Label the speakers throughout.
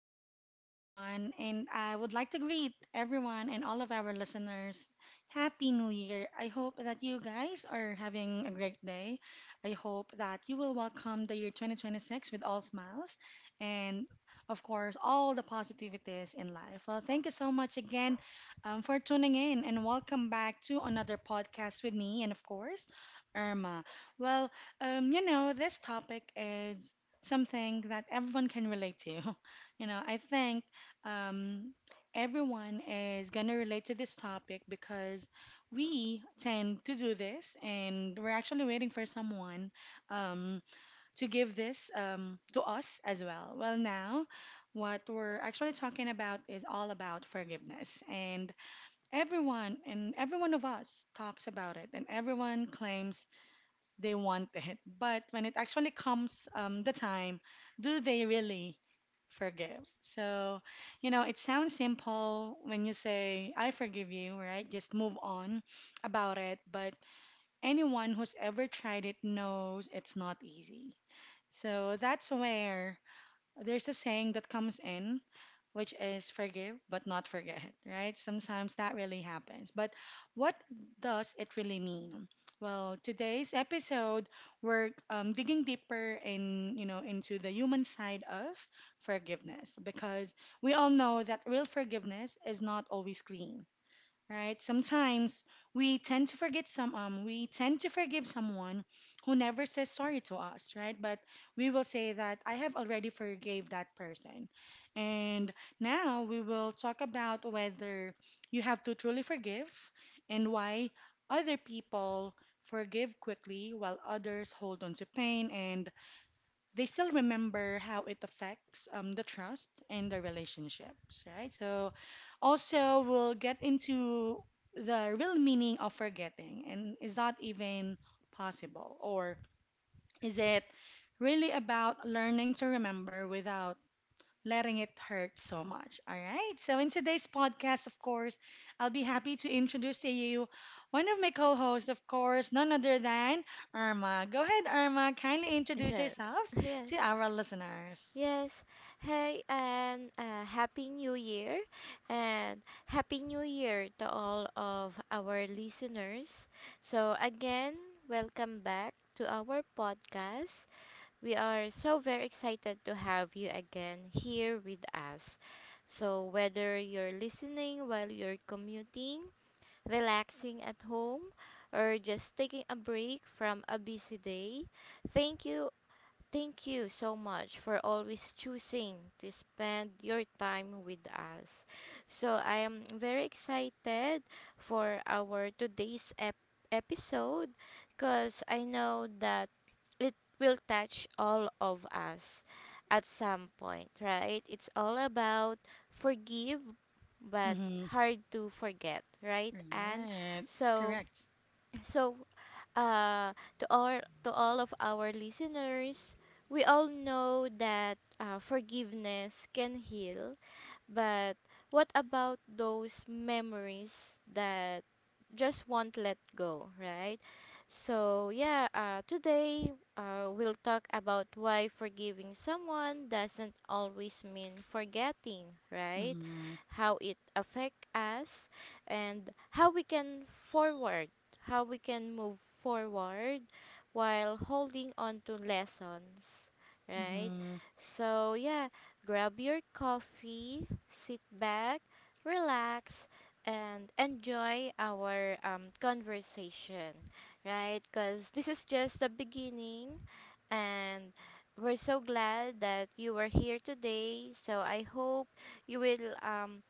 Speaker 1: good evening, everyone. And I would like to greet everyone and all of our listeners. Happy New Year. I hope that you guys are having a great day. I hope that you will welcome the year 2026 with all smiles and, of course, all the positivities in life. Well, thank you so much again for tuning in and welcome back to another podcast with me and, of course, Irma. Well, this topic is something that everyone can relate to. You know, I think um, Everyone is going to relate to this topic because we tend to do this, and we're actually waiting for someone um, to give this to us as well. Well, now, what we're actually talking about is all about forgiveness, and everyone and every one of us talks about it, and everyone claims they want it. But when it actually comes the time, do they really forgive? So, it sounds simple when you say, I forgive you, right? Just move on about it. But anyone who's ever tried it knows it's not easy. So that's where there's a saying that comes in which is forgive but not forget, right? Sometimes that really happens. But what does it really mean? Well, today's episode we're digging deeper in, into the human side of forgiveness because we all know that real forgiveness is not always clean, right? Sometimes we tend to forgive someone who never says sorry to us, right? But we will say that I have already forgave that person. And now we will talk about whether you have to truly forgive and why other people forgive quickly while others hold on to pain and they still remember how it affects the trust and the relationships, right? So, also, we'll get into the real meaning of forgetting, and is that even possible? Or is it really about learning to remember without letting it hurt so much. All right. So, in today's podcast, of course, I'll be happy to introduce to you one of my co hosts, of course, none other than Irma. Go ahead, Irma. Kindly introduce
Speaker 2: Yes,
Speaker 1: yourselves to
Speaker 2: yes,
Speaker 1: our listeners.
Speaker 2: yes. Hey, and Happy New Year, and Happy New Year to all of our listeners. So, again, welcome back to our podcast. We are so very excited to have you again here with us. So, whether you're listening while you're commuting, relaxing at home, or just taking a break from a busy day, Thank you Thank you so much for always choosing to spend your time with us. So, I am very excited for our today's episode, because I know that it will touch all of us at some point, right? It's all about forgive but
Speaker 1: Mm-hmm.
Speaker 2: hard to forget, right? And
Speaker 1: Right.
Speaker 2: so
Speaker 1: Correct.
Speaker 2: so uh, to all of our listeners, we all know that forgiveness can heal, but what about those memories that just won't let go, right? So, yeah, today we'll talk about why forgiving someone doesn't always mean forgetting, right?
Speaker 1: Mm-hmm.
Speaker 2: How it affects us, and how we can move forward while holding on to lessons, right?
Speaker 1: Mm-hmm.
Speaker 2: So, yeah, grab your coffee, sit back, relax, and enjoy our conversation, right? Because this is just the beginning, and we're so glad that you are here today. So, I hope you will, um,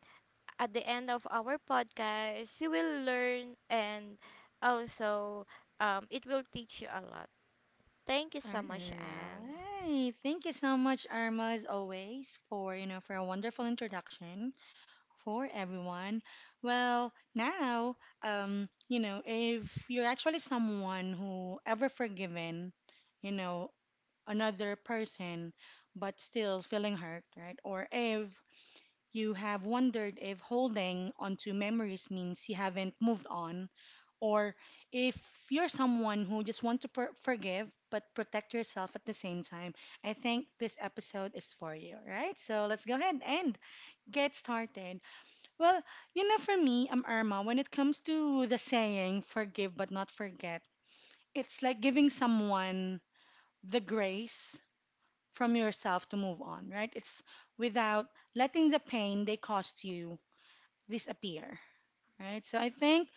Speaker 2: at the end of our podcast, you will learn, and also, it will teach you a lot. Thank you
Speaker 1: All
Speaker 2: so much, Anne.
Speaker 1: right. Thank you so much, Irma, as always, for for a wonderful introduction. For everyone. Well, now, if you're actually someone who ever forgiven, you know, another person, but still feeling hurt, right? Or if you have wondered if holding onto memories means you haven't moved on, or if you're someone who just want to forgive but protect yourself at the same time, I think this episode is for you, right? So let's go ahead and get started. Well, for me, Irma, when it comes to the saying forgive but not forget, it's like giving someone the grace from yourself to move on, right? It's without letting the pain they caused you disappear, right? So I think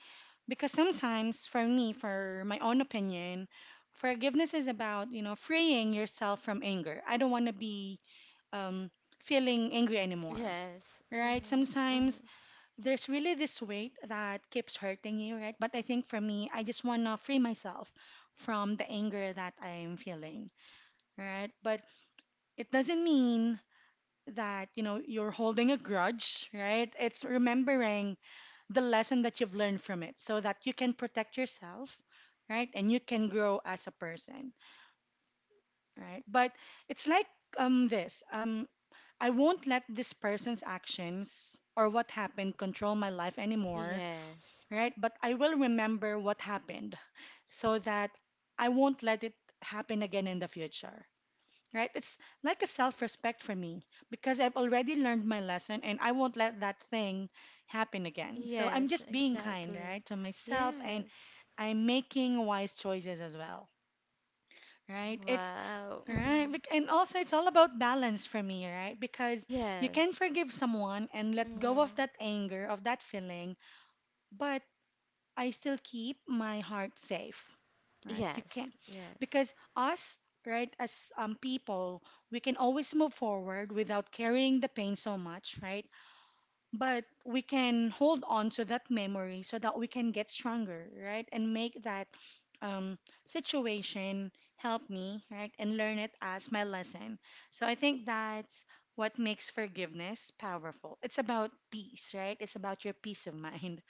Speaker 1: because sometimes for me, for my own opinion, forgiveness is about, freeing yourself from anger. I don't want to be um, feeling angry anymore,
Speaker 2: Yes.
Speaker 1: right?
Speaker 2: Mm-hmm.
Speaker 1: Sometimes
Speaker 2: Mm-hmm.
Speaker 1: there's really this weight that keeps hurting you, right? But I think for me, I just want to free myself from the anger that I'm feeling, right? But it doesn't mean that, you're holding a grudge, right? It's remembering the lesson that you've learned from it so that you can protect yourself, right? And you can grow as a person, right? But it's like um this, um I won't let this person's actions or what happened control my life anymore,
Speaker 2: Yes.
Speaker 1: right? But I will remember what happened so that I won't let it happen again in the future, right? It's like a self respect for me because I've already learned my lesson and I won't let that thing happen again. So I'm
Speaker 2: Yes,
Speaker 1: just being kind,
Speaker 2: exactly.
Speaker 1: right, to myself and
Speaker 2: Yes.
Speaker 1: I'm making wise choices as well. Right? It's
Speaker 2: Wow.
Speaker 1: right.
Speaker 2: Hmm.
Speaker 1: And also, it's all about balance for me, right? Because you can
Speaker 2: Yes.
Speaker 1: forgive someone and let go of
Speaker 2: Hmm.
Speaker 1: that anger, of that feeling, but I still keep my heart safe, right? You
Speaker 2: Yes.
Speaker 1: can,
Speaker 2: Yes.
Speaker 1: because us, right, as people, we can always move forward without carrying the pain so much, right? But we can hold on to that memory so that we can get stronger, right? And make that um, situation help me, right? And learn it as my lesson. So I think that's what makes forgiveness powerful. It's about peace, right? It's about your peace of mind.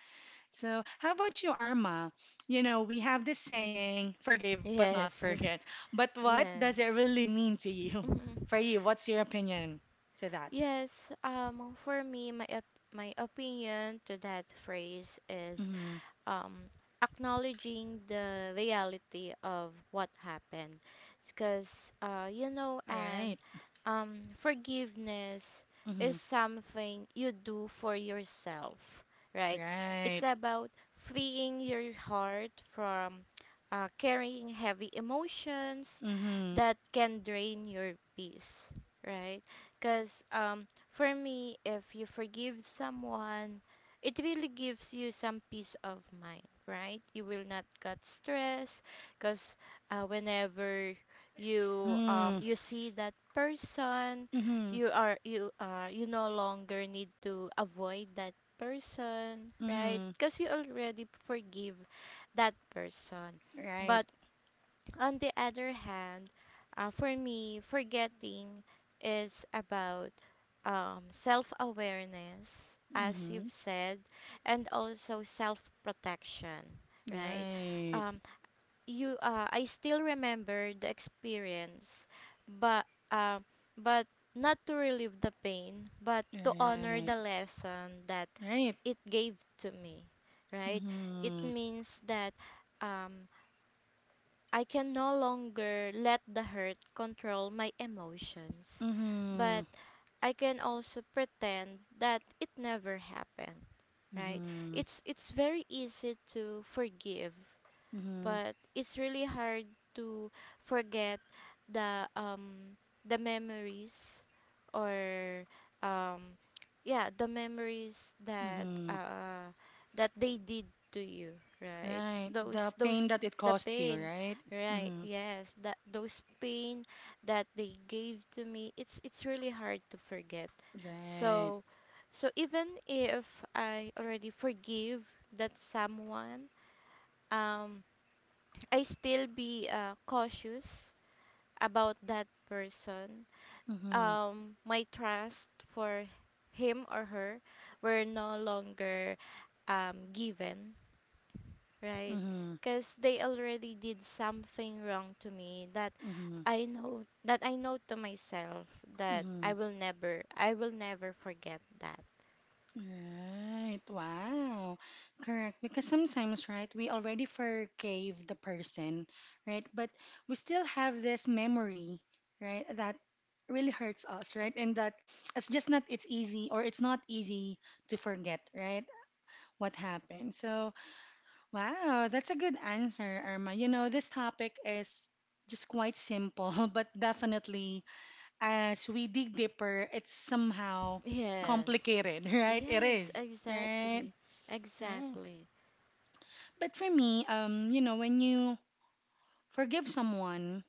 Speaker 1: So, how about you, Arma? You know, we have this saying, forgive but not
Speaker 2: Yes.
Speaker 1: forget. But what does it
Speaker 2: Yes.
Speaker 1: really mean to you?
Speaker 2: Hmm.
Speaker 1: For you, what's your opinion to that?
Speaker 2: Yes. For me, my my opinion to that phrase is,
Speaker 1: Mm-hmm.
Speaker 2: um, acknowledging the reality of what happened. Because, you know,
Speaker 1: Right.
Speaker 2: and forgiveness is
Speaker 1: Mm-hmm.
Speaker 2: something you do for yourself, right? It's
Speaker 1: Right.
Speaker 2: about freeing your heart from, carrying heavy emotions
Speaker 1: Mm-hmm.
Speaker 2: that can drain your peace, right? Because, for me, if you forgive someone, it really gives you some peace of mind, right? You will not get stressed, because, whenever you um
Speaker 1: Mm-hmm.
Speaker 2: you see that person,
Speaker 1: Mm-hmm.
Speaker 2: you are you you no longer need to avoid that person, right?
Speaker 1: Mm-hmm.
Speaker 2: Because you already forgive that person,
Speaker 1: Right.
Speaker 2: but on the other hand, for me, forgetting is about, self awareness, as
Speaker 1: Mm-hmm.
Speaker 2: you've said, and also self protection, right?
Speaker 1: Right.
Speaker 2: Um, I still remember the experience, but uh, but not to relieve the pain, but to honor
Speaker 1: Right.
Speaker 2: the lesson that
Speaker 1: Right.
Speaker 2: it gave to me, right? It
Speaker 1: Mm-hmm.
Speaker 2: means that. Um, I can no longer let the hurt control my emotions,
Speaker 1: Mm-hmm.
Speaker 2: but I can also pretend that it never happened, right?
Speaker 1: Mm-hmm.
Speaker 2: It's very easy to forgive,
Speaker 1: Mm-hmm.
Speaker 2: but it's really hard to forget the um the memories, or, um yeah, the memories that
Speaker 1: Mm-hmm.
Speaker 2: uh that they did to you, right,
Speaker 1: Right. The pain
Speaker 2: those
Speaker 1: that it
Speaker 2: the
Speaker 1: caused you,
Speaker 2: pain,
Speaker 1: right?
Speaker 2: right,
Speaker 1: Mm-hmm.
Speaker 2: yes, that those pain that they gave to me, it's really hard to forget.
Speaker 1: Right.
Speaker 2: So so even if I already forgive that someone, um I still be, cautious about that person.
Speaker 1: Mm-hmm.
Speaker 2: My trust for him or her were no longer, given, right?
Speaker 1: Mm-hmm.
Speaker 2: Because they already did something wrong to me, that
Speaker 1: Mm-hmm.
Speaker 2: I know to myself that
Speaker 1: Mm-hmm.
Speaker 2: I will never forget that.
Speaker 1: Right. Wow. Correct. Because sometimes, right, we already forgave the person, right? But we still have this memory, right, that really hurts us, right? And that it's not easy to forget, right? What happened. So, wow, that's a good answer, Irma. You know, this topic is just quite simple, but definitely as we dig deeper, it's somehow
Speaker 2: Yes.
Speaker 1: complicated, right? It
Speaker 2: Yes,
Speaker 1: is, right?
Speaker 2: exactly.
Speaker 1: right.
Speaker 2: Exactly.
Speaker 1: But for me, when you forgive someone,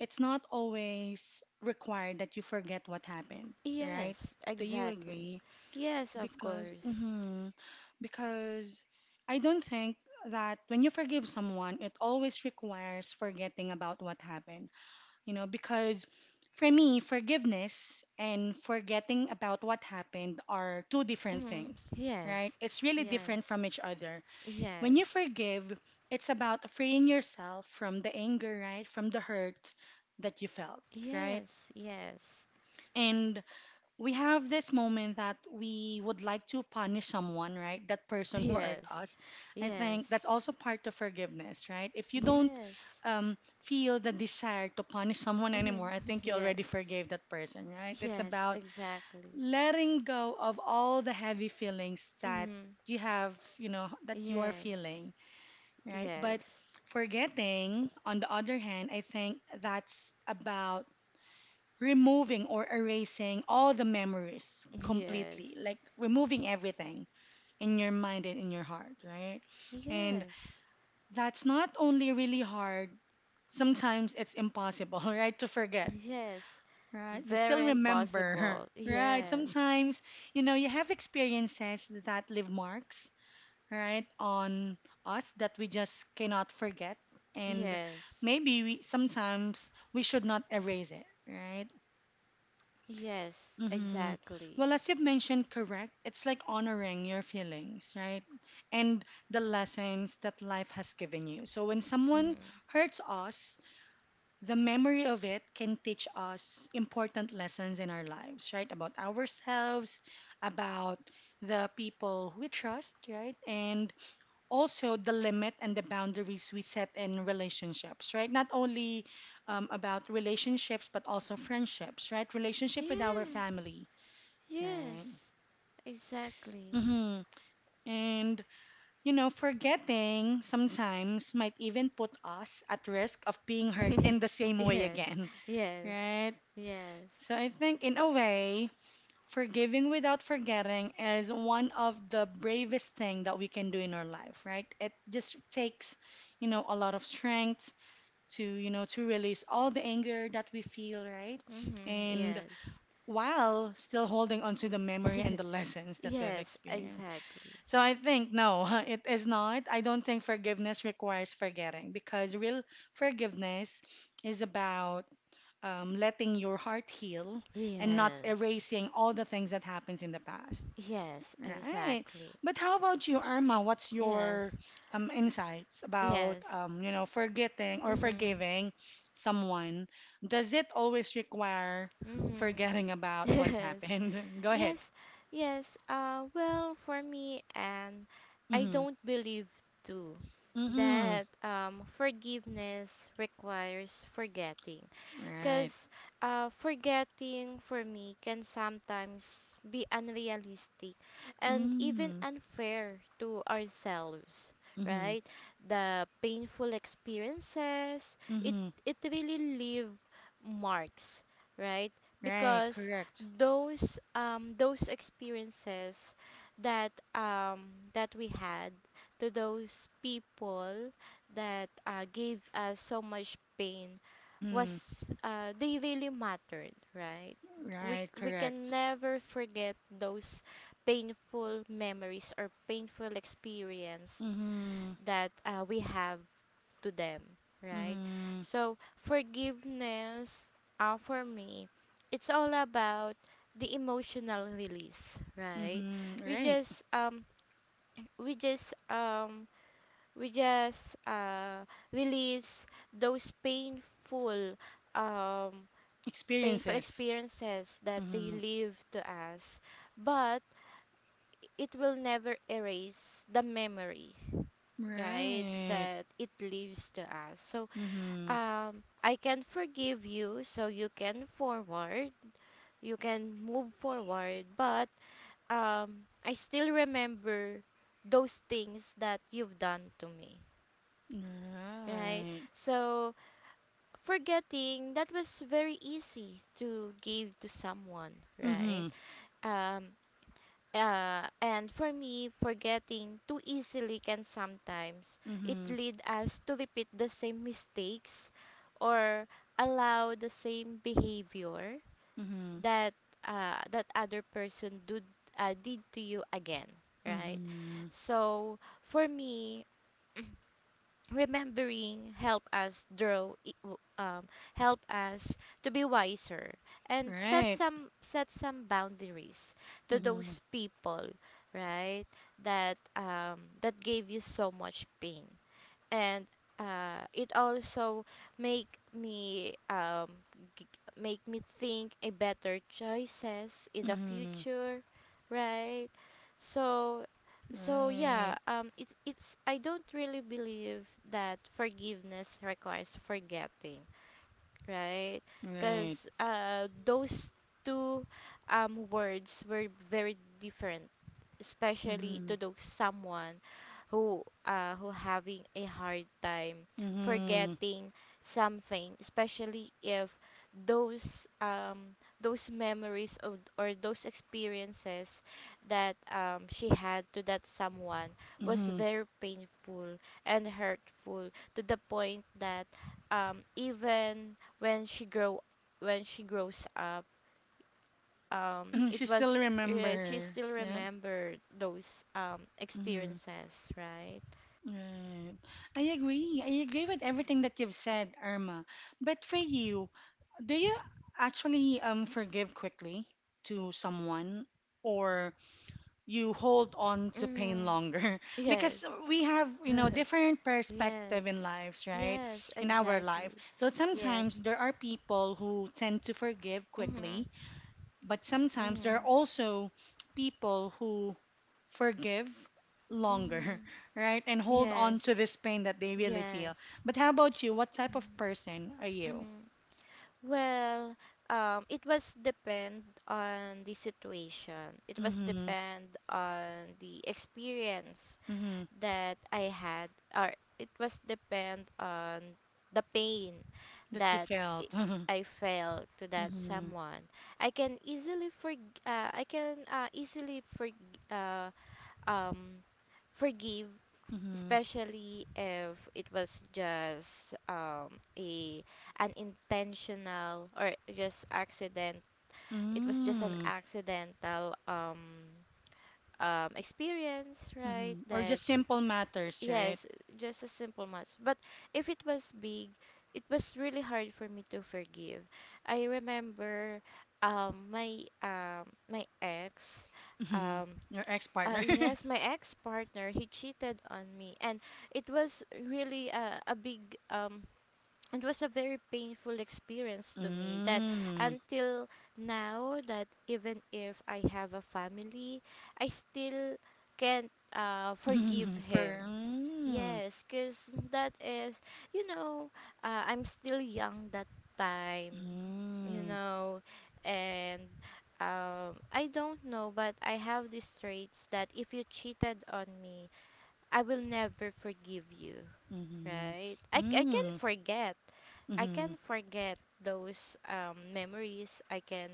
Speaker 1: it's not always required that you forget what happened, right?
Speaker 2: Yes,
Speaker 1: Do you
Speaker 2: exactly.
Speaker 1: agree?
Speaker 2: Yes, of
Speaker 1: Because,
Speaker 2: course.
Speaker 1: hmm because I don't think that when you forgive someone, it always requires forgetting about what happened. Because for me, forgiveness and forgetting about what happened are two different
Speaker 2: Hmm.
Speaker 1: things, right?
Speaker 2: Yes,
Speaker 1: It's really different from
Speaker 2: yes,
Speaker 1: each other. When you
Speaker 2: yes,
Speaker 1: forgive, it's about freeing yourself from the anger, right? From the hurt that you felt, right?
Speaker 2: yes, yes,
Speaker 1: And we have this moment that we would like to punish someone, right? That person who hurt
Speaker 2: yes,
Speaker 1: us. I think that's
Speaker 2: yes,
Speaker 1: also part of forgiveness, right? If you don't
Speaker 2: yes.
Speaker 1: feel the desire to punish someone anymore,
Speaker 2: Hmm.
Speaker 1: I think you already
Speaker 2: Yes,
Speaker 1: forgave that person, right? It's
Speaker 2: yes,
Speaker 1: about
Speaker 2: exactly.
Speaker 1: letting go of all the heavy feelings that
Speaker 2: Hmm.
Speaker 1: you have, that you are
Speaker 2: Yes,
Speaker 1: feeling, right? But
Speaker 2: yes,
Speaker 1: forgetting, on the other hand, I think that's about removing or erasing all the memories completely,
Speaker 2: yes,
Speaker 1: like removing everything in your mind and in your heart, right? And
Speaker 2: yes,
Speaker 1: that's not only really hard, sometimes it's impossible, right, to forget,
Speaker 2: yes.
Speaker 1: right? You still
Speaker 2: Very
Speaker 1: remember,
Speaker 2: impossible.
Speaker 1: right?
Speaker 2: Yes,
Speaker 1: Sometimes, you have experiences that leave marks, right, on us that we just cannot forget. And
Speaker 2: yes,
Speaker 1: maybe we should not erase it, right?
Speaker 2: yes,
Speaker 1: Mm-hmm.
Speaker 2: exactly.
Speaker 1: Well, as you've mentioned, correct, it's like honoring your feelings, right? And the lessons that life has given you. So when someone
Speaker 2: Mm.
Speaker 1: hurts us, the memory of it can teach us important lessons in our lives, right? About ourselves, about the people we trust, right? And also the limit and the boundaries we set in relationships, right? Not only about relationships, but also friendships, right? Relationship with our
Speaker 2: Yes,
Speaker 1: family. Right.
Speaker 2: yes, exactly.
Speaker 1: Mm-hmm. And, forgetting sometimes might even put us at risk of being hurt in the same way
Speaker 2: Yes,
Speaker 1: again.
Speaker 2: yes,
Speaker 1: Right.
Speaker 2: yes.
Speaker 1: So I think, in a way, forgiving without forgetting is one of the bravest thing that we can do in our life, right? It just takes, a lot of strength to, to release all the anger that we feel, right?
Speaker 2: Mm-hmm,
Speaker 1: And
Speaker 2: yes.
Speaker 1: while still holding on to the memory and the lessons that we've
Speaker 2: Yes,
Speaker 1: experienced.
Speaker 2: exactly.
Speaker 1: So I think no, it is not. I don't think forgiveness requires forgetting because real forgiveness is about letting your heart heal and not
Speaker 2: Yes,
Speaker 1: erasing all the things that happens in the past.
Speaker 2: yes,
Speaker 1: Right.
Speaker 2: exactly.
Speaker 1: But how about you, Irma? What's your
Speaker 2: Yes,
Speaker 1: insights about
Speaker 2: yes.
Speaker 1: forgetting or
Speaker 2: Mm-hmm,
Speaker 1: forgiving someone? Does it always require
Speaker 2: mm-hmm.
Speaker 1: forgetting about what
Speaker 2: Yes,
Speaker 1: happened? Go ahead.
Speaker 2: yes, yes. Well, for me, and I
Speaker 1: Mm-hmm.
Speaker 2: don't believe too
Speaker 1: Mm-hmm.
Speaker 2: that forgiveness requires forgetting.
Speaker 1: Right.
Speaker 2: Because, forgetting for me can sometimes be unrealistic and even
Speaker 1: Mm.
Speaker 2: unfair to ourselves,
Speaker 1: Mm-hmm.
Speaker 2: right? The painful experiences, it,
Speaker 1: Mm-hmm.
Speaker 2: it really leave marks, right?
Speaker 1: Right.
Speaker 2: Because
Speaker 1: Correct.
Speaker 2: those experiences that we had to those people that gave us so much pain,
Speaker 1: Mm-hmm.
Speaker 2: was they really mattered, right? We
Speaker 1: Right.
Speaker 2: we can
Speaker 1: Correct.
Speaker 2: never forget those painful memories or painful experience
Speaker 1: Mm-hmm.
Speaker 2: that we have to them, right?
Speaker 1: Mm-hmm.
Speaker 2: So forgiveness, for me, it's all about the emotional release, right?
Speaker 1: Mm-hmm.
Speaker 2: We
Speaker 1: Right.
Speaker 2: just um we just we just uh release those painful, um painful
Speaker 1: Experiences.
Speaker 2: experiences that they
Speaker 1: Mm-hmm.
Speaker 2: leave to us, but it will never erase the memory, right?
Speaker 1: Right.
Speaker 2: That it leaves to us. So,
Speaker 1: Mm-hmm.
Speaker 2: I can forgive you, so you can move forward, but I still remember those things that you've done to me, right?
Speaker 1: Right.
Speaker 2: So, forgetting that was very easy to give to someone, right?
Speaker 1: Mm-hmm.
Speaker 2: Um, and for me, forgetting too easily can sometimes it
Speaker 1: Mm-hmm.
Speaker 2: lead us to repeat the same mistakes, or allow the same behavior
Speaker 1: Mm-hmm.
Speaker 2: that that other person did to you again, right?
Speaker 1: Mm-hmm.
Speaker 2: So for me, remembering help us help us to be wiser, and set
Speaker 1: Right.
Speaker 2: some set some boundaries to
Speaker 1: Mm-hmm.
Speaker 2: those people, right, that gave you so much pain, and it also make me um, g- make me think a better choices in the
Speaker 1: Mm-hmm.
Speaker 2: future, right. so so yeah
Speaker 1: Right.
Speaker 2: um it's it's I don't really believe that forgiveness requires forgetting, right?
Speaker 1: Right.
Speaker 2: Because those two words were very different, especially
Speaker 1: Mm-hmm.
Speaker 2: to those someone who having a hard time
Speaker 1: Mm-hmm.
Speaker 2: forgetting something, especially if those memories or those experiences that, she had to that someone, was
Speaker 1: Mm-hmm.
Speaker 2: very painful and hurtful to the point that, even when she grows up, it
Speaker 1: She still
Speaker 2: was she
Speaker 1: remembers,
Speaker 2: still
Speaker 1: right?
Speaker 2: remembered those
Speaker 1: Mm-hmm.
Speaker 2: experiences, right.
Speaker 1: Right. I agree. I agree with everything that you've said, Irma. But for you, do you actually forgive quickly to someone or you hold on to pain
Speaker 2: Mm-hmm.
Speaker 1: longer? Because
Speaker 2: Yes.
Speaker 1: we have, different perspective in
Speaker 2: Yes,
Speaker 1: lives, right?
Speaker 2: yes,
Speaker 1: In our life.
Speaker 2: exactly.
Speaker 1: So
Speaker 2: Yes.
Speaker 1: sometimes there are people who tend to forgive
Speaker 2: Mm-hmm.
Speaker 1: quickly but sometimes there
Speaker 2: Mm-hmm.
Speaker 1: are also people who forgive longer,
Speaker 2: Mm-hmm.
Speaker 1: right? And hold on
Speaker 2: Yes,
Speaker 1: to this pain that they really feel.
Speaker 2: yes.
Speaker 1: But how about you? What type of
Speaker 2: Mm-hmm.
Speaker 1: person are you?
Speaker 2: Mm-hmm. Well, it was depend on the situation. It was
Speaker 1: Mm-hmm.
Speaker 2: depend on the experience
Speaker 1: Mm-hmm.
Speaker 2: that I had, or it was depend on the pain
Speaker 1: That you
Speaker 2: that I
Speaker 1: felt.
Speaker 2: I felt to that
Speaker 1: Mm-hmm.
Speaker 2: someone. I can easily forg uh, um forgive,
Speaker 1: Mm-hmm.
Speaker 2: especially if it was just a an intentional or just accident. It was just an
Speaker 1: Mm.
Speaker 2: accidental experience, right?
Speaker 1: Mm-hmm. Or
Speaker 2: That
Speaker 1: just simple matters, right?
Speaker 2: Yes, just a simple match. But if it was big, it was really hard for me to forgive. I remember, my my ex
Speaker 1: Mm-hmm.
Speaker 2: um
Speaker 1: Your ex-partner.
Speaker 2: yes, my ex partner, he cheated on me, and it was really a big, it was a very painful experience to me, that
Speaker 1: Mm.
Speaker 2: until now, that even if I have a family, I still can't forgive
Speaker 1: For
Speaker 2: him.
Speaker 1: mm.
Speaker 2: Yes, because that is, you know, I'm still young that time, you
Speaker 1: Mm.
Speaker 2: know, and I don't know, but I have these traits that if you cheated on me, I will never forgive you,
Speaker 1: Mm-hmm.
Speaker 2: right? I can
Speaker 1: Mm.
Speaker 2: forget. I
Speaker 1: Mm-hmm.
Speaker 2: can forget those memories. I can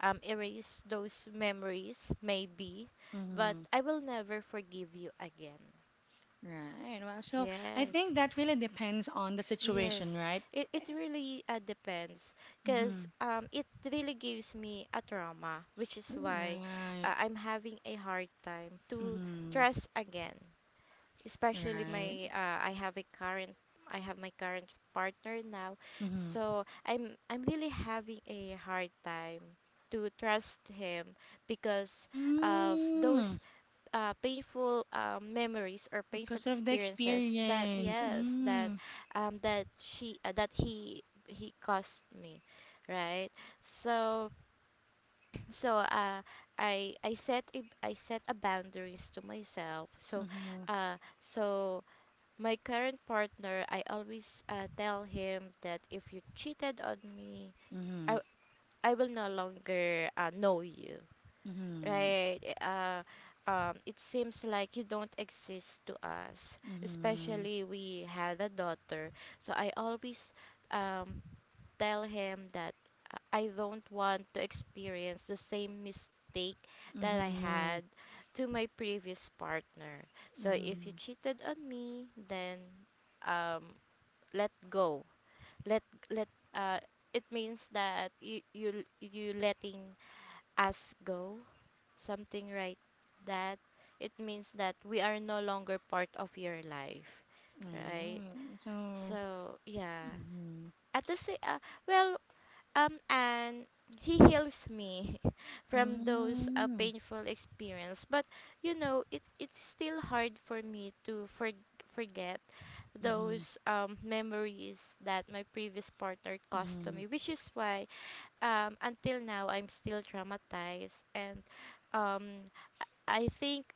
Speaker 2: erase those memories, maybe, but
Speaker 1: Mm-hmm.
Speaker 2: I will never forgive you again.
Speaker 1: Right. Well, so I
Speaker 2: Yes.
Speaker 1: think that really depends on the situation,
Speaker 2: Yes,
Speaker 1: right?
Speaker 2: it really depends,
Speaker 1: Mm-hmm.
Speaker 2: because it really gives me a trauma, which is why
Speaker 1: Right.
Speaker 2: I'm having a hard time to
Speaker 1: Mm-hmm.
Speaker 2: trust again. Especially
Speaker 1: Right.
Speaker 2: my I have a current I have my current partner now,
Speaker 1: Mm-hmm.
Speaker 2: so I'm really having a hard time to trust him, because of
Speaker 1: Mm,
Speaker 2: those painful memories or painful
Speaker 1: because of the
Speaker 2: experiences that,
Speaker 1: experience.
Speaker 2: yes, that
Speaker 1: Mm.
Speaker 2: that she, that he caused me, right. So so uh, I set a boundaries to myself. so
Speaker 1: Mm-hmm.
Speaker 2: uh, so my current partner, I always tell him that if you cheated on me,
Speaker 1: Mm-hmm.
Speaker 2: I, I will no longer know you,
Speaker 1: Mm-hmm.
Speaker 2: right. It seems like you don't exist to us,
Speaker 1: Mm-hmm.
Speaker 2: especially we had a daughter. So I always um, tell him that I don't want to experience the same mistake that I
Speaker 1: Mm-hmm.
Speaker 2: had to my previous partner. So if you
Speaker 1: Mm-hmm.
Speaker 2: cheated on me, then um, let go. Let let uh, it means that you letting us go something, right, that it means that we are no longer part of your life, right.
Speaker 1: Right. So.
Speaker 2: So, yeah,
Speaker 1: Mm-hmm.
Speaker 2: at the same well and he heals me from those
Speaker 1: Mm-hmm.
Speaker 2: painful experience, but it's still hard for me to forget
Speaker 1: Mm-hmm.
Speaker 2: those memories that my previous partner caused to
Speaker 1: Mm-hmm.
Speaker 2: me, which is why until now I'm still traumatized, and um I think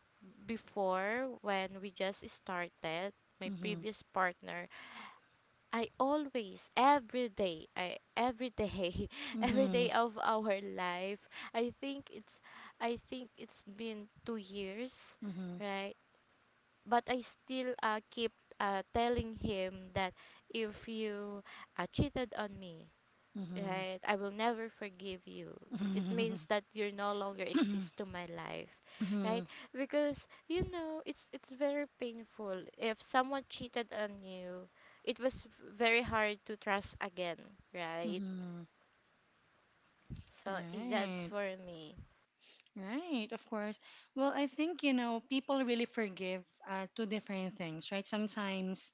Speaker 2: before when we just started, my
Speaker 1: Mm-hmm.
Speaker 2: previous partner, I always, every day, every
Speaker 1: Mm-hmm.
Speaker 2: day of our life, I think it's I think it's been 2 years,
Speaker 1: Mm-hmm.
Speaker 2: right, but I still keep telling him that if you cheated on me,
Speaker 1: Mm-hmm.
Speaker 2: right? I will never forgive you. It means
Speaker 1: Mm-hmm.
Speaker 2: that you no longer exist to my life,
Speaker 1: Mm-hmm.
Speaker 2: right? Because it's very painful if someone cheated on you. It was very hard to trust again, right?
Speaker 1: Mm-hmm.
Speaker 2: So that's
Speaker 1: Right,
Speaker 2: for me.
Speaker 1: right, of course. Well, I think, people really forgive two different things, right? Sometimes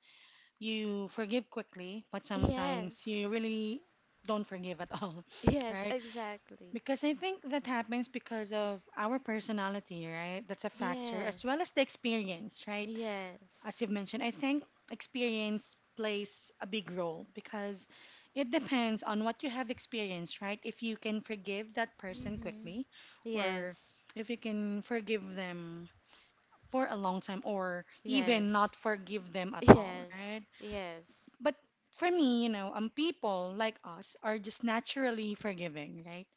Speaker 1: you forgive quickly, but sometimes
Speaker 2: Yes,
Speaker 1: you really don't forgive at all,
Speaker 2: yes,
Speaker 1: right?
Speaker 2: exactly.
Speaker 1: Because I think that happens because of our personality, right? That's a factor, as
Speaker 2: Yes,
Speaker 1: well as the experience, right?
Speaker 2: yes.
Speaker 1: As you've mentioned, I think experience plays a big role because it depends on what you have experienced, right? If you can forgive that person
Speaker 2: Mhm.
Speaker 1: quickly, or
Speaker 2: Yes,
Speaker 1: if you can forgive them for a long time, or even
Speaker 2: yes,
Speaker 1: not forgive them at all,
Speaker 2: yes,
Speaker 1: right?
Speaker 2: yes,
Speaker 1: But for me, people like us are just naturally forgiving, right?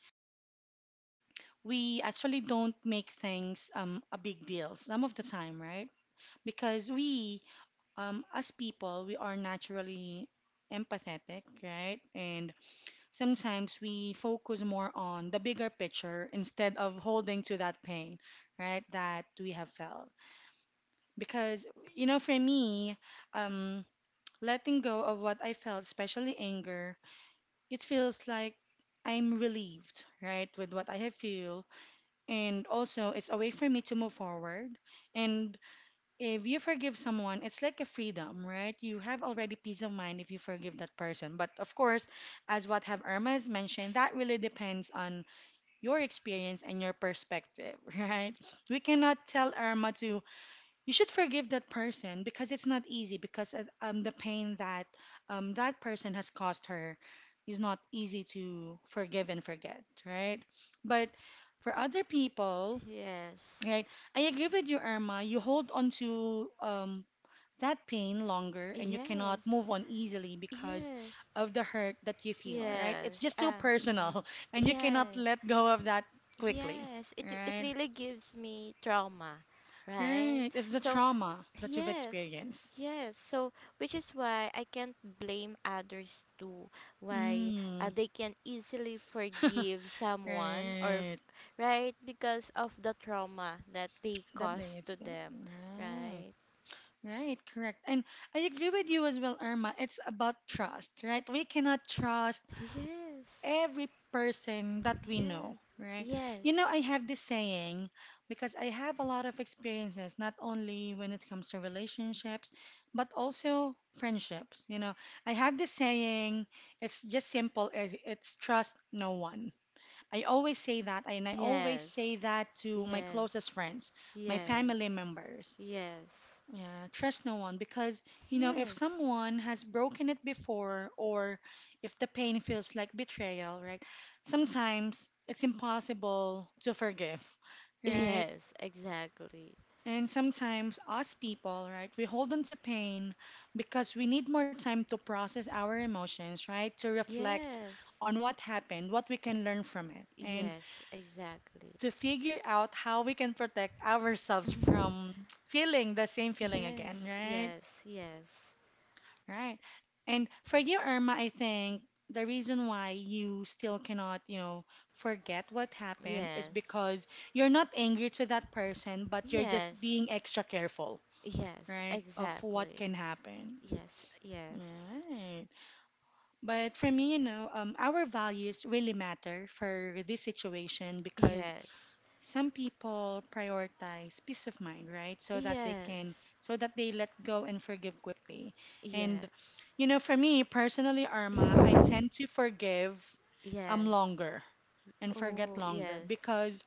Speaker 1: We actually don't make things a big deal some of the time, right? Because we as people, we are naturally empathetic, right? And sometimes we focus more on the bigger picture instead of holding to that pain, right, that we have felt. Because, for me, um, letting go of what I felt, especially anger, it feels like I'm relieved, right, with what I have feel. And also, it's a way for me to move forward. And if you forgive someone, it's like a freedom, right? You have already peace of mind if you forgive that person. But of course, as what have Irma has mentioned, that really depends on your experience and your perspective, right? We cannot tell Irma to you should forgive that person because it's not easy because the pain that that person has caused her is not easy to forgive and forget, right? But for other people,
Speaker 2: yes,
Speaker 1: right? I agree with you, Irma. You hold on to that pain longer and you cannot
Speaker 2: yes.
Speaker 1: move on easily because
Speaker 2: Yes,
Speaker 1: of the hurt that you feel, right? It's
Speaker 2: yes,
Speaker 1: just too
Speaker 2: mhm.
Speaker 1: personal and you cannot
Speaker 2: Yes,
Speaker 1: let go of that quickly,
Speaker 2: yes. It
Speaker 1: right?
Speaker 2: really gives me trauma, right?
Speaker 1: Right. It's the
Speaker 2: So,
Speaker 1: trauma that you've
Speaker 2: yes,
Speaker 1: experienced.
Speaker 2: yes. So, which is why I can't blame others too. Why
Speaker 1: Mm.
Speaker 2: they can easily forgive someone
Speaker 1: Right.
Speaker 2: right, because of the trauma that they
Speaker 1: That they
Speaker 2: caused to
Speaker 1: feel.
Speaker 2: them,
Speaker 1: Right.
Speaker 2: right?
Speaker 1: Right. Correct. And I agree with you as well, Irma. It's about trust, right? We cannot trust
Speaker 2: Yes,
Speaker 1: every person that we know,
Speaker 2: yes,
Speaker 1: right?
Speaker 2: yes,
Speaker 1: I have this saying because I have a lot of experiences, not only when it comes to relationships, but also friendships. I have this saying, it's just simple, it's trust no one. I always say that, and I always
Speaker 2: yes,
Speaker 1: say that to my
Speaker 2: yes.
Speaker 1: closest friends, my
Speaker 2: Yes.
Speaker 1: family members.
Speaker 2: Yes.
Speaker 1: Yeah, trust no one because, if
Speaker 2: Yes.
Speaker 1: someone has broken it before or if the pain feels like betrayal, right? Sometimes it's impossible to forgive, right?
Speaker 2: Yes, exactly.
Speaker 1: And sometimes us people, right, we hold on to pain because we need more time to process our emotions, right? To reflect
Speaker 2: Yes.
Speaker 1: on what happened, what we can learn from it, and
Speaker 2: Yes, exactly.
Speaker 1: to figure out how we can protect ourselves from feeling the same feeling again,
Speaker 2: Yes,
Speaker 1: right?
Speaker 2: yes, yes.
Speaker 1: Right. And for you, Irma, I think the reason why you still cannot, forget what happened is
Speaker 2: Yes.
Speaker 1: because you're not angry to that person, but you're just
Speaker 2: Yes.
Speaker 1: being extra careful,
Speaker 2: Yes,
Speaker 1: right, of what
Speaker 2: exactly.
Speaker 1: can happen.
Speaker 2: Yes, yes.
Speaker 1: Right. But for me, our values really matter for this situation because
Speaker 2: Yes.
Speaker 1: some people prioritize peace of mind, right? So that they can,
Speaker 2: Yes.
Speaker 1: so that they let go and forgive quickly. And,
Speaker 2: Yes.
Speaker 1: for me personally, Arma, I tend to forgive
Speaker 2: Yes.
Speaker 1: longer and forget
Speaker 2: Oh,
Speaker 1: longer
Speaker 2: yes.
Speaker 1: because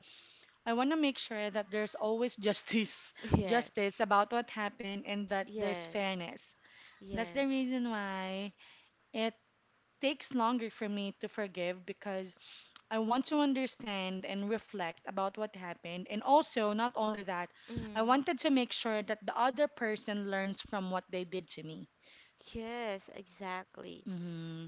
Speaker 1: I want to make sure that there's always justice, justice about what happened and that there's
Speaker 2: Yes.
Speaker 1: fairness.
Speaker 2: Yes.
Speaker 1: That's the
Speaker 2: Yes.
Speaker 1: reason why it takes longer for me to forgive because I want to understand and reflect about what happened. And also, not only that, I
Speaker 2: Mm.
Speaker 1: wanted to make sure that the other person learns from what they did to me.
Speaker 2: Yes, exactly.
Speaker 1: Hmm.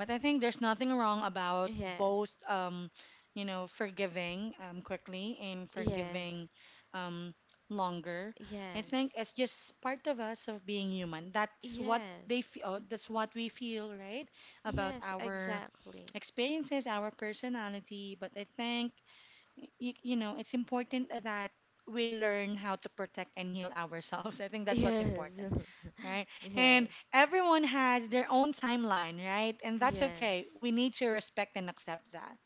Speaker 1: But I think there's nothing wrong about
Speaker 2: Yes,
Speaker 1: both, forgiving quickly and forgiving
Speaker 2: yes,
Speaker 1: um, longer. I think
Speaker 2: yes,
Speaker 1: it's just part of us of being human. That's what they
Speaker 2: yes,
Speaker 1: feel. That's what we feel, right? About
Speaker 2: yes,
Speaker 1: our
Speaker 2: exactly.
Speaker 1: experiences, our personality. But I think it's important that we learn how to protect and heal ourselves. I think that's what's
Speaker 2: Yes,
Speaker 1: important, right? And
Speaker 2: yes,
Speaker 1: everyone has their own timeline, right? And that's okay.
Speaker 2: yes,
Speaker 1: We need to respect and accept that.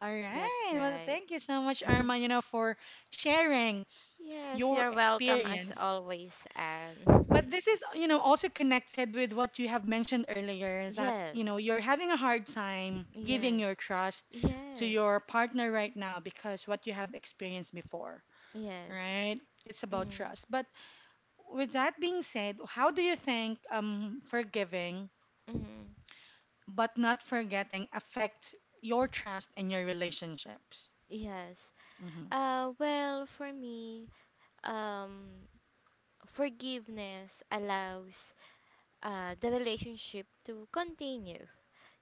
Speaker 1: All right.
Speaker 2: that's
Speaker 1: Well,
Speaker 2: right.
Speaker 1: thank you so much, Irma, for sharing
Speaker 2: Yes,
Speaker 1: your
Speaker 2: you're welcome as
Speaker 1: experience.
Speaker 2: always, Anne.
Speaker 1: But this is, also connected with what you have mentioned earlier that,
Speaker 2: Yes,
Speaker 1: you're having a hard time giving
Speaker 2: yes,
Speaker 1: your trust to
Speaker 2: yes,
Speaker 1: your partner right now because what you have experienced before,
Speaker 2: yes.
Speaker 1: right? It's about
Speaker 2: Mm,
Speaker 1: trust. But with that being said, how do you think forgiving
Speaker 2: mm,
Speaker 1: but not forgetting affects your trust and your relationships?
Speaker 2: yes.
Speaker 1: Mm-hmm.
Speaker 2: Well, for me, um, forgiveness allows the relationship to continue.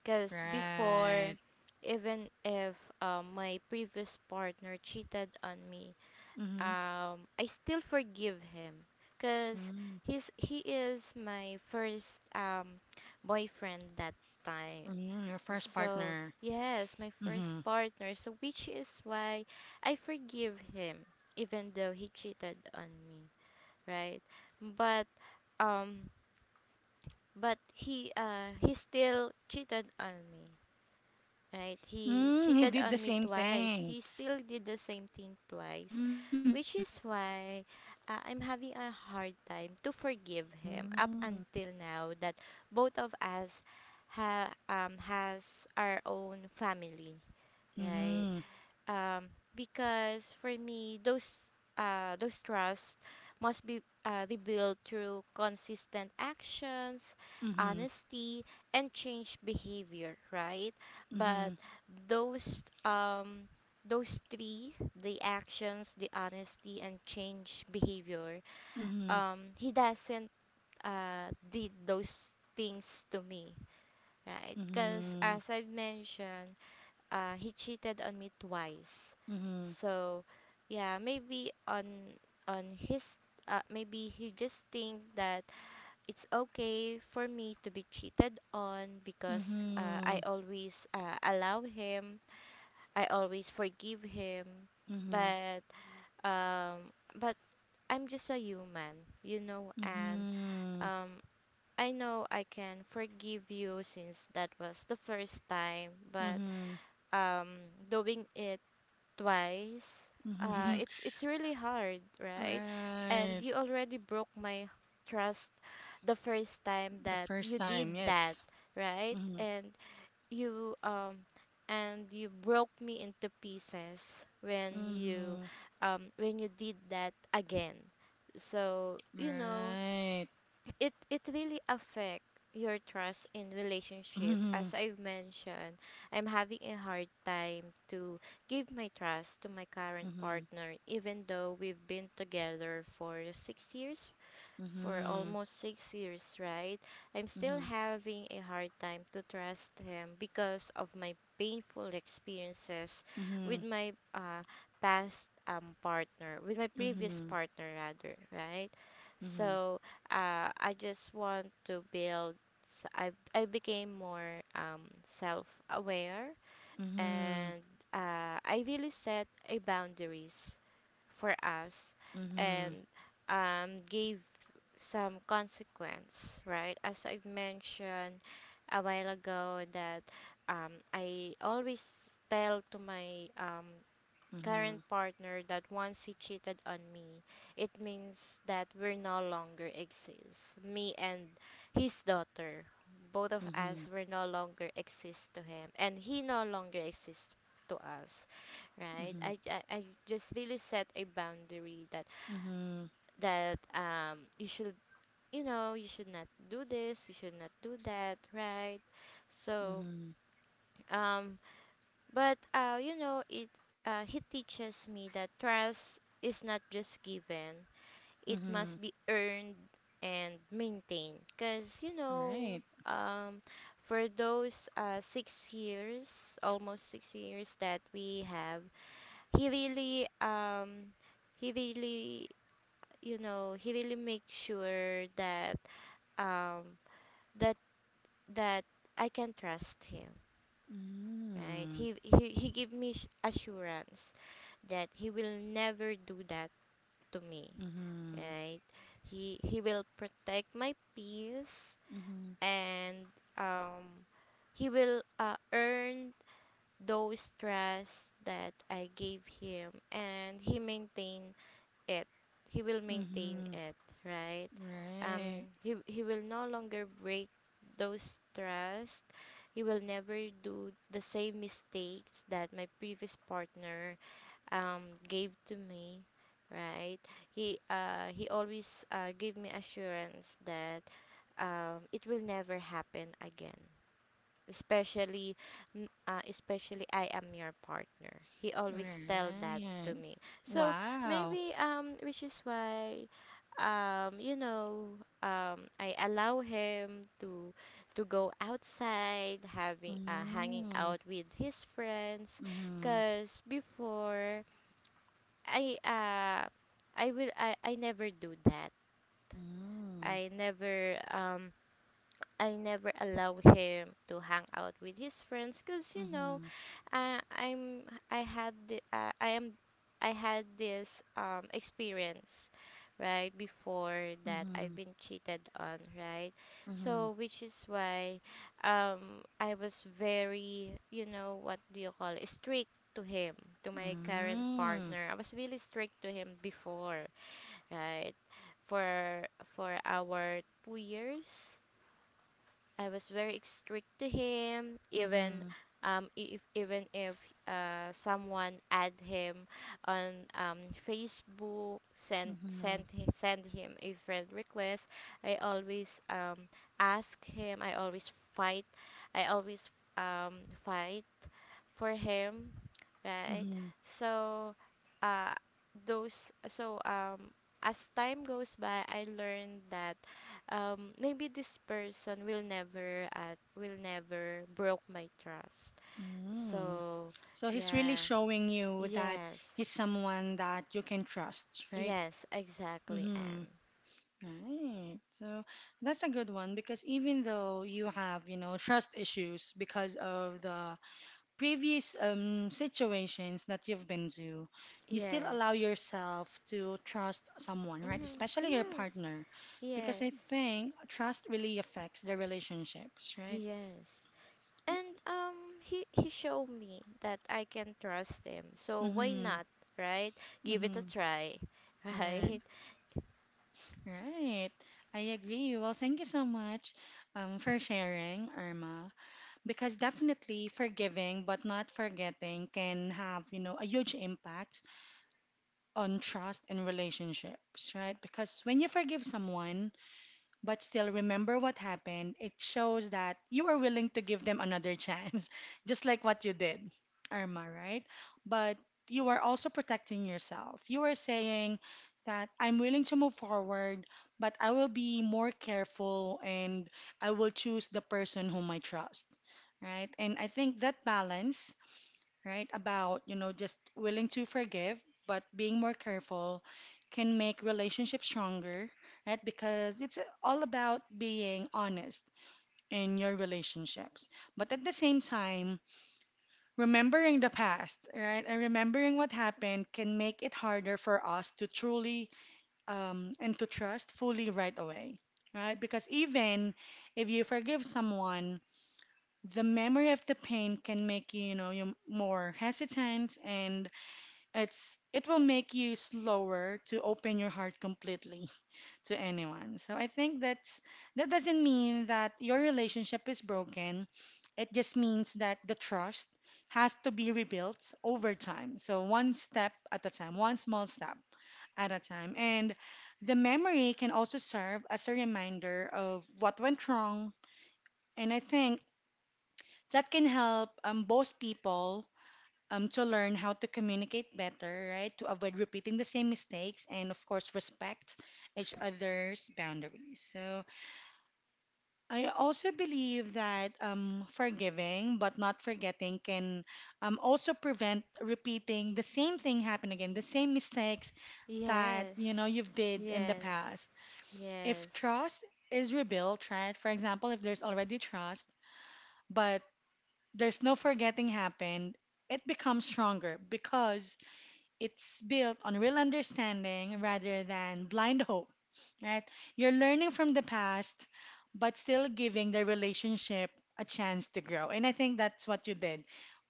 Speaker 2: Because before,
Speaker 1: Right.
Speaker 2: even if my previous partner cheated on me,
Speaker 1: Mm-hmm.
Speaker 2: I still forgive him. Because
Speaker 1: Mm.
Speaker 2: he is my first boyfriend that time.
Speaker 1: Mm, your first
Speaker 2: So
Speaker 1: partner.
Speaker 2: yes, my first
Speaker 1: Mm-hmm.
Speaker 2: partner. So which is why I forgive him, even though he cheated on me, right? But um but he still cheated on me, right. He
Speaker 1: Mm, he
Speaker 2: cheated
Speaker 1: did the
Speaker 2: on me
Speaker 1: same
Speaker 2: twice.
Speaker 1: thing.
Speaker 2: He still did the same thing twice,
Speaker 1: Mm.
Speaker 2: which is why I'm having a hard time to forgive him up
Speaker 1: Mm.
Speaker 2: until now, that both of us ha has our own family, right.
Speaker 1: Mm-hmm.
Speaker 2: um, because for me, those trust must be rebuilt through consistent actions,
Speaker 1: Mm-hmm.
Speaker 2: honesty, and change behavior, right.
Speaker 1: Mm-hmm.
Speaker 2: But those um, those three, the actions, the honesty, and change behavior,
Speaker 1: Mm-hmm.
Speaker 2: he doesn't did those things to me, right, because
Speaker 1: Mm-hmm.
Speaker 2: as I've mentioned, he cheated on me twice. So, yeah, maybe on his maybe he just think that it's okay for me to be cheated on, because
Speaker 1: Mm-hmm.
Speaker 2: I always allow him, I always forgive him,
Speaker 1: Mm-hmm. Mm-hmm.
Speaker 2: but but I'm just a human, you know, and um, I know I can forgive you, since that was the first time, but
Speaker 1: Mm-hmm.
Speaker 2: doing it twice, uh
Speaker 1: Mm-hmm.
Speaker 2: it's it's really hard, right? And
Speaker 1: Right.
Speaker 2: you already broke my trust the first time
Speaker 1: The
Speaker 2: that
Speaker 1: first
Speaker 2: you did
Speaker 1: time,
Speaker 2: that,
Speaker 1: yes.
Speaker 2: right.
Speaker 1: Mm-hmm.
Speaker 2: And you um and you broke me into pieces when you
Speaker 1: Mm-hmm.
Speaker 2: um when you did that again. So you know,
Speaker 1: Right.
Speaker 2: it really affect your trust in relationship,
Speaker 1: Mm-hmm.
Speaker 2: as I've mentioned, I'm having a hard time to give my trust to my current
Speaker 1: Mm-hmm.
Speaker 2: partner, even though we've been together for 6 years, for
Speaker 1: Mm-hmm.
Speaker 2: almost 6 years, right? I'm still having a hard time to trust him because of my painful experiences
Speaker 1: Mm-hmm. Mm-hmm.
Speaker 2: with my past partner, with my previous
Speaker 1: Mm-hmm.
Speaker 2: partner, rather, right?
Speaker 1: Mm-hmm.
Speaker 2: So I just want to build. I became more self aware,
Speaker 1: Mm-hmm.
Speaker 2: and I really set a boundaries for us,
Speaker 1: Mm-hmm.
Speaker 2: and gave some consequence, right? As I've mentioned a while ago, that I always tell to my
Speaker 1: Mm-hmm.
Speaker 2: current partner that once he cheated on me, it means that we're no longer exist. Me and his daughter, both of
Speaker 1: Mm-hmm.
Speaker 2: us were no longer exist to him, and he no longer exists to us, right?
Speaker 1: Mm-hmm.
Speaker 2: I just really set a boundary, that
Speaker 1: Mm-hmm.
Speaker 2: that um you should you know you should not do this, you should not do that, right? So
Speaker 1: Mm-hmm.
Speaker 2: um but you know, it he teaches me that trust is not just given; it
Speaker 1: Mm-hmm.
Speaker 2: must be earned and maintained. Cause you know,
Speaker 1: Right.
Speaker 2: for those 6 years, almost 6 years that we have, he really um, he really you know he really makes sure that um that that I can trust him. Right?
Speaker 1: Mm-hmm.
Speaker 2: He give me assurance that he will never do that to me,
Speaker 1: Mm-hmm.
Speaker 2: right. He will protect my peace,
Speaker 1: Mm-hmm.
Speaker 2: and um he will earn those trust that I gave him, and he maintain it he will maintain
Speaker 1: Mm-hmm.
Speaker 2: it right. um
Speaker 1: Right.
Speaker 2: he he will no longer break those trust. He will never do the same mistakes that my previous partner gave to me, right. He always gave me assurance that it will never happen again, especially especially I am your partner. He always tell that to
Speaker 1: Right.
Speaker 2: me. So
Speaker 1: Wow.
Speaker 2: maybe, which is why, you know, I allow him to go outside, having hanging
Speaker 1: Mm-hmm.
Speaker 2: out with his friends.
Speaker 1: Mm-hmm.
Speaker 2: Because before, I uh I never do that.
Speaker 1: Mm-hmm.
Speaker 2: I never um I never allow him to hang out with his friends, cuz you know,
Speaker 1: Mhm.
Speaker 2: I I'm I had the, uh, I am I had this experience right before that I've
Speaker 1: Mhm.
Speaker 2: been cheated on, right? So
Speaker 1: Mhm.
Speaker 2: which is why, I was very, you know, what do you call it, strict to him, to my current
Speaker 1: Mm.
Speaker 2: partner. I was really strict to him before, right? For for our 2 years, I was very strict to him,
Speaker 1: Mhm.
Speaker 2: if even if someone add him on Facebook, send
Speaker 1: Mhm.
Speaker 2: send hi- send him a friend request. I always ask him. I always fight. I always fight for him, right?
Speaker 1: Mhm.
Speaker 2: So, uh, those so as time goes by, I learned that maybe this person will never broke my trust.
Speaker 1: Mm.
Speaker 2: So
Speaker 1: So he's really
Speaker 2: yeah,
Speaker 1: showing you that
Speaker 2: yes,
Speaker 1: he's someone that you can trust, right?
Speaker 2: yes, exactly,
Speaker 1: Mm-hmm.
Speaker 2: Anne.
Speaker 1: Right. So that's a good one because even though you have, trust issues because of the previous situations that you've been to, you still allow
Speaker 2: Yes,
Speaker 1: yourself to trust someone, right?
Speaker 2: mm-hmm,
Speaker 1: Especially your
Speaker 2: yes,
Speaker 1: partner, because I
Speaker 2: yes,
Speaker 1: think trust really affects the relationships, right?
Speaker 2: yes. And he showed me that I can trust him. So why
Speaker 1: Mm-hmm.
Speaker 2: not, right? Give it a
Speaker 1: Mm-hmm.
Speaker 2: try,
Speaker 1: Right.
Speaker 2: right?
Speaker 1: Right. I agree. Well, thank you so much for sharing, Irma, because definitely forgiving but not forgetting can have, a huge impact on trust and relationships, right? Because when you forgive someone, but still remember what happened, it shows that you are willing to give them another chance, just like what you did, Irma, right? But you are also protecting yourself. You are saying that I'm willing to move forward, but I will be more careful and I will choose the person whom I trust, right? And I think that balance, right? About, just willing to forgive, but being more careful can make relationships stronger, right? Because it's all about being honest in your relationships. But at the same time, remembering the past, right? And remembering what happened can make it harder for us to truly and to trust fully right away, right? Because even if you forgive someone, the memory of the pain can make you more hesitant and it will make you slower to open your heart completely to anyone. So I think that doesn't mean that your relationship is broken. It just means that the trust has to be rebuilt over time. So one step at a time, one small step at a time. And the memory can also serve as a reminder of what went wrong. And I think that can help both people to learn how to communicate better, right? To avoid repeating the same mistakes and, of course, respect each other's boundaries. So, I also believe that forgiving but not forgetting can also prevent repeating the same thing happen again, the same mistakes that you know
Speaker 2: Yes,
Speaker 1: you've did in the
Speaker 2: yes,
Speaker 1: past. If
Speaker 2: yes.
Speaker 1: trust is rebuilt, right? For example, if there's already trust, but there's no forgetting happened, it becomes stronger because it's built on real understanding rather than blind hope, right? You're learning from the past, but still giving the relationship a chance to grow. And I think that's what you did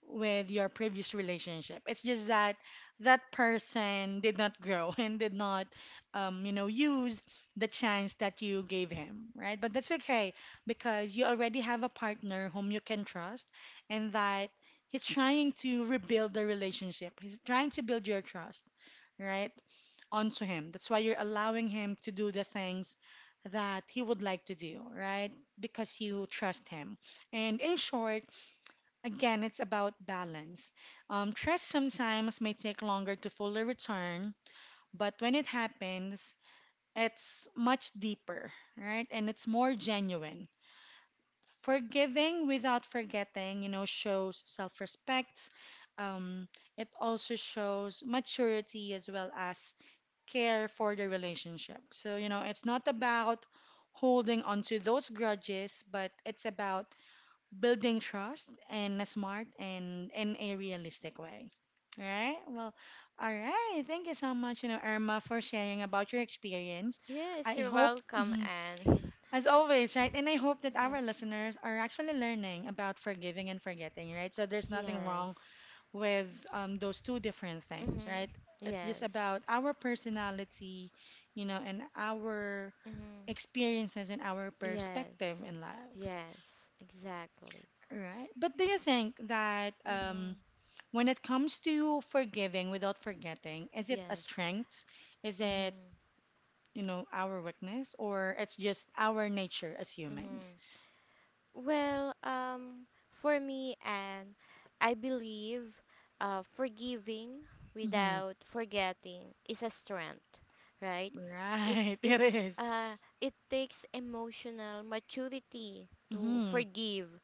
Speaker 1: with your previous relationship. It's just that that person did not grow and did not, use the chance that you gave him, right? But that's okay because you already have a partner whom you can trust and that he's trying to rebuild the relationship. He's trying to build your trust, right? Onto him. That's why you're allowing him to do the things that he would like to do, right? Because you trust him. And in short, again, it's about balance. Trust sometimes may take longer to fully return, but when it happens, it's much deeper, right? And it's more genuine. Forgiving without forgetting, shows self respect. Um, it also shows maturity as well as care for the relationship. So, it's not about holding on to those grudges, but it's about building trust in a smart and in a realistic way. Right? Well, all right. Thank you so much, Irma, for sharing about your experience.
Speaker 2: Yes,
Speaker 1: I
Speaker 2: you're
Speaker 1: hope,
Speaker 2: welcome, Anne.
Speaker 1: as always, right? And I hope that
Speaker 2: Yeah.
Speaker 1: our listeners are actually learning about forgiving and forgetting, right? So there's nothing wrong
Speaker 2: Yes.
Speaker 1: with those two different things,
Speaker 2: Mhm.
Speaker 1: right? It's just
Speaker 2: Yes.
Speaker 1: about our personality, you know, and our
Speaker 2: Mhm.
Speaker 1: experiences and our perspective
Speaker 2: Yes.
Speaker 1: in lives,
Speaker 2: Yes. Exactly.
Speaker 1: right? But do you think that
Speaker 2: Mhm.
Speaker 1: when it comes to forgiving without forgetting, is it a
Speaker 2: Yes.
Speaker 1: strength? Is it,
Speaker 2: Mhm.
Speaker 1: you know, our weakness, or it's just our nature as humans?
Speaker 2: Mhm. Well, for me, and I believe, forgiving
Speaker 1: Hmm.
Speaker 2: without forgetting is a strength, right? It
Speaker 1: Right,
Speaker 2: it
Speaker 1: it is.
Speaker 2: it takes emotional maturity to
Speaker 1: Mm-hmm.
Speaker 2: forgive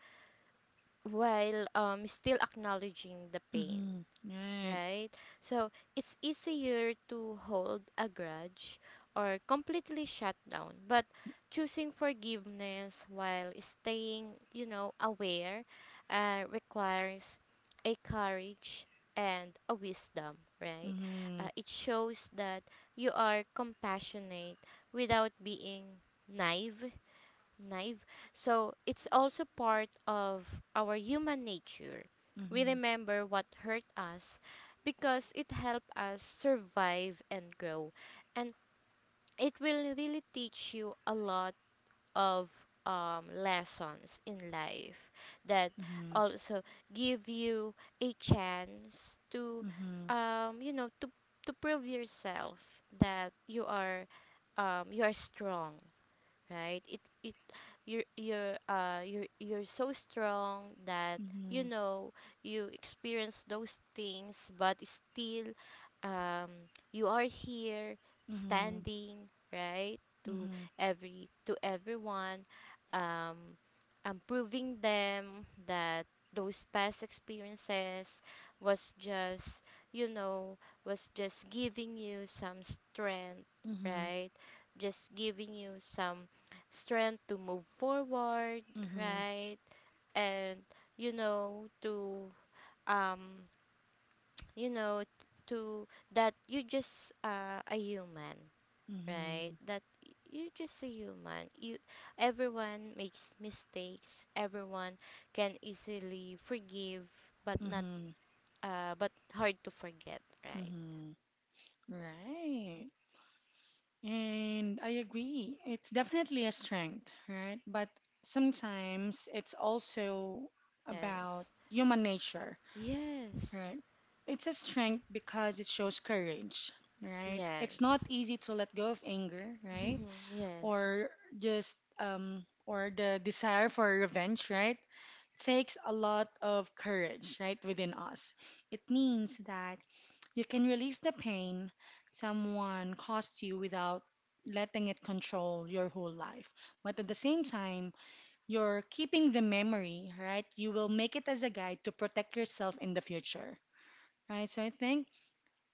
Speaker 2: while still acknowledging the pain,
Speaker 1: Mm-hmm. Right.
Speaker 2: right? So it's easier to hold a grudge or completely shut down. But choosing forgiveness while staying, you know, aware, requires a courage and a wisdom, right?
Speaker 1: Mm-hmm.
Speaker 2: It shows that you are compassionate without being naive naive. So it's also part of our human nature. We
Speaker 1: Mm-hmm.
Speaker 2: remember what hurt us because it helped us survive and grow. And it will really teach you a lot of lessons in life, that
Speaker 1: Mm-hmm.
Speaker 2: also give you a chance to,
Speaker 1: Mm-hmm.
Speaker 2: you know, to prove yourself that you are, you are strong, right? It you're so strong that, you
Speaker 1: Mhm.
Speaker 2: know, you experience those things, but still, you are here
Speaker 1: Mhm.
Speaker 2: standing, right, to
Speaker 1: Mhm.
Speaker 2: everyone um proving them that those past experiences was just, you know, was just giving you some strength,
Speaker 1: Mhm.
Speaker 2: right, just giving you some strength to move forward,
Speaker 1: Mhm.
Speaker 2: right? And you know to um you know to that you just a human, right?
Speaker 1: Mhm.
Speaker 2: That you just a human. You everyone makes mistakes. Everyone can easily forgive, but not
Speaker 1: Mhm.
Speaker 2: but hard to forget, right?
Speaker 1: Mhm. Right. And I agree. It's definitely a strength, right? But sometimes it's also about
Speaker 2: Yes.
Speaker 1: human nature,
Speaker 2: Yes.
Speaker 1: right? It's a strength because it shows courage, right? It's not
Speaker 2: Yes.
Speaker 1: easy to let go of anger, right?
Speaker 2: Yes.
Speaker 1: Or just or the desire for revenge, right? Takes a lot of courage, right, within us. It means that you can release the pain someone caused you without letting it control your whole life. But at the same time, you're keeping the memory, right? You will make it as a guide to protect yourself in the future, right? So I think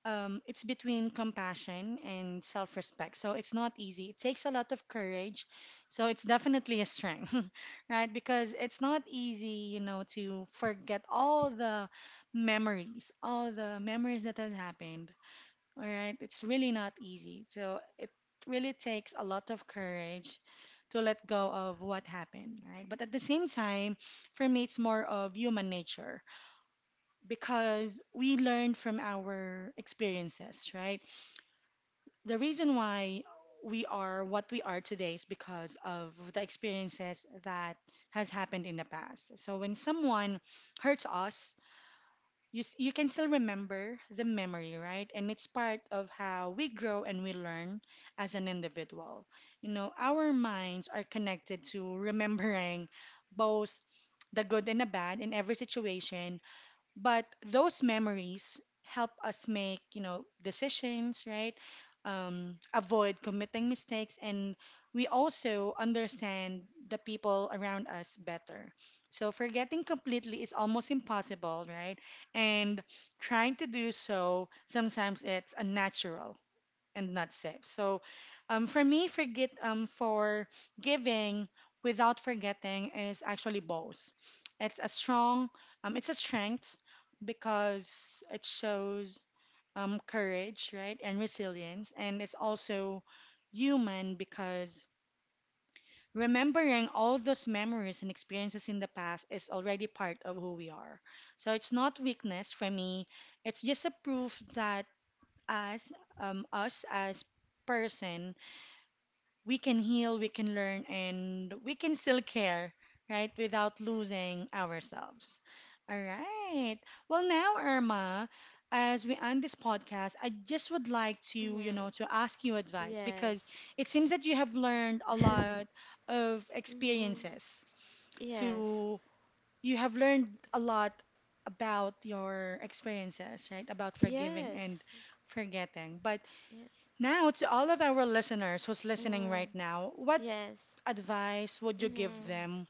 Speaker 1: it's between compassion and self respect. So it's not easy. It takes a lot of courage. So it's definitely a strength, right? Because it's not easy, you know, to forget all the memories that has happened. All right. It's really not easy. So it really takes a lot of courage to let go of what happened, right? But at the same time, for me, it's more of human nature because we learn from our experiences, right? The reason why we are what we are today is because of the experiences that has happened in the past. So when someone hurts us, you can still remember the memory, right? And it's part of how we grow and we learn as an individual. You know, our minds are connected to remembering both the good and the bad in every situation but those memories help us make, you know, decisions, right? Avoid committing mistakes, and we also understand the people around us better. So forgetting completely is almost impossible, right? And trying to do so, sometimes it's unnatural and not save. So, for me, forget for giving without forgetting is actually both. It's it's a strength because it shows courage, right, and resilience, and it's also human because remembering all those memories and experiences in the past is already part of who we are. So it's not weakness for me. It's just a proof that as us as person we can heal, we can learn, and we can still care, right, without losing ourselves. All right. Well, now, Irma, as we end this podcast, I just would like to, you know,
Speaker 2: Mm-hmm.
Speaker 1: to ask you advice because
Speaker 2: Yes.
Speaker 1: it seems that you have learned a lot of
Speaker 2: Mm-hmm.
Speaker 1: experiences
Speaker 2: Yes.
Speaker 1: to, you have learned a lot about your experiences, right, about forgiving and
Speaker 2: Yes.
Speaker 1: forgetting. But
Speaker 2: Yes.
Speaker 1: now, to all of our listeners who's listening right
Speaker 2: Mm-hmm.
Speaker 1: now, what
Speaker 2: Yes.
Speaker 1: advice would you give
Speaker 2: Mm-hmm.
Speaker 1: them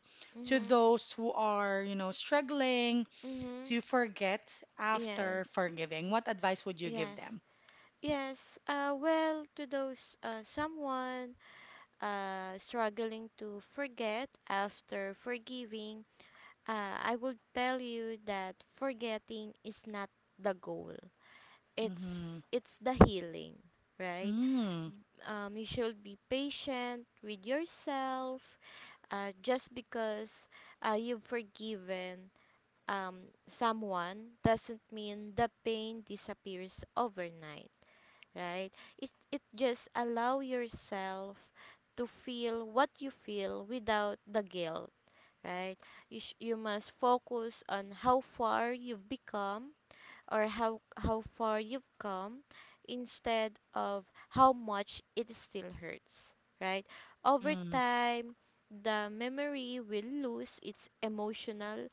Speaker 1: to
Speaker 2: Mm-hmm.
Speaker 1: those who are, you know, struggling
Speaker 2: Mm-hmm.
Speaker 1: to forget after
Speaker 2: Yes.
Speaker 1: forgiving? What advice would you give
Speaker 2: Yes.
Speaker 1: them?
Speaker 2: Yes. Well, to those, someone struggling to forget after forgiving, I will tell you that forgetting is not the goal.
Speaker 1: Mm-hmm.
Speaker 2: It's the healing, right?
Speaker 1: Mm-hmm.
Speaker 2: You should be patient with yourself. Just because you've forgiven someone, doesn't mean the pain disappears overnight, right? It just allow yourself to feel what you feel without the guilt, right? You must focus on how far you've become, or how far you've come, instead of how much it still hurts, right? Over
Speaker 1: Mm-hmm.
Speaker 2: time, the memory will lose its emotional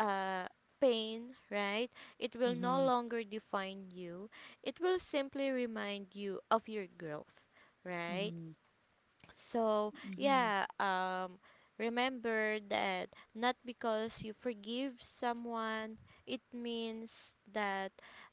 Speaker 2: uh pain, right? It will no
Speaker 1: Mm-hmm.
Speaker 2: longer define you. It will simply remind you of your growth, right? So,
Speaker 1: Mm-hmm.
Speaker 2: yeah, remember that not because you forgive someone, it means that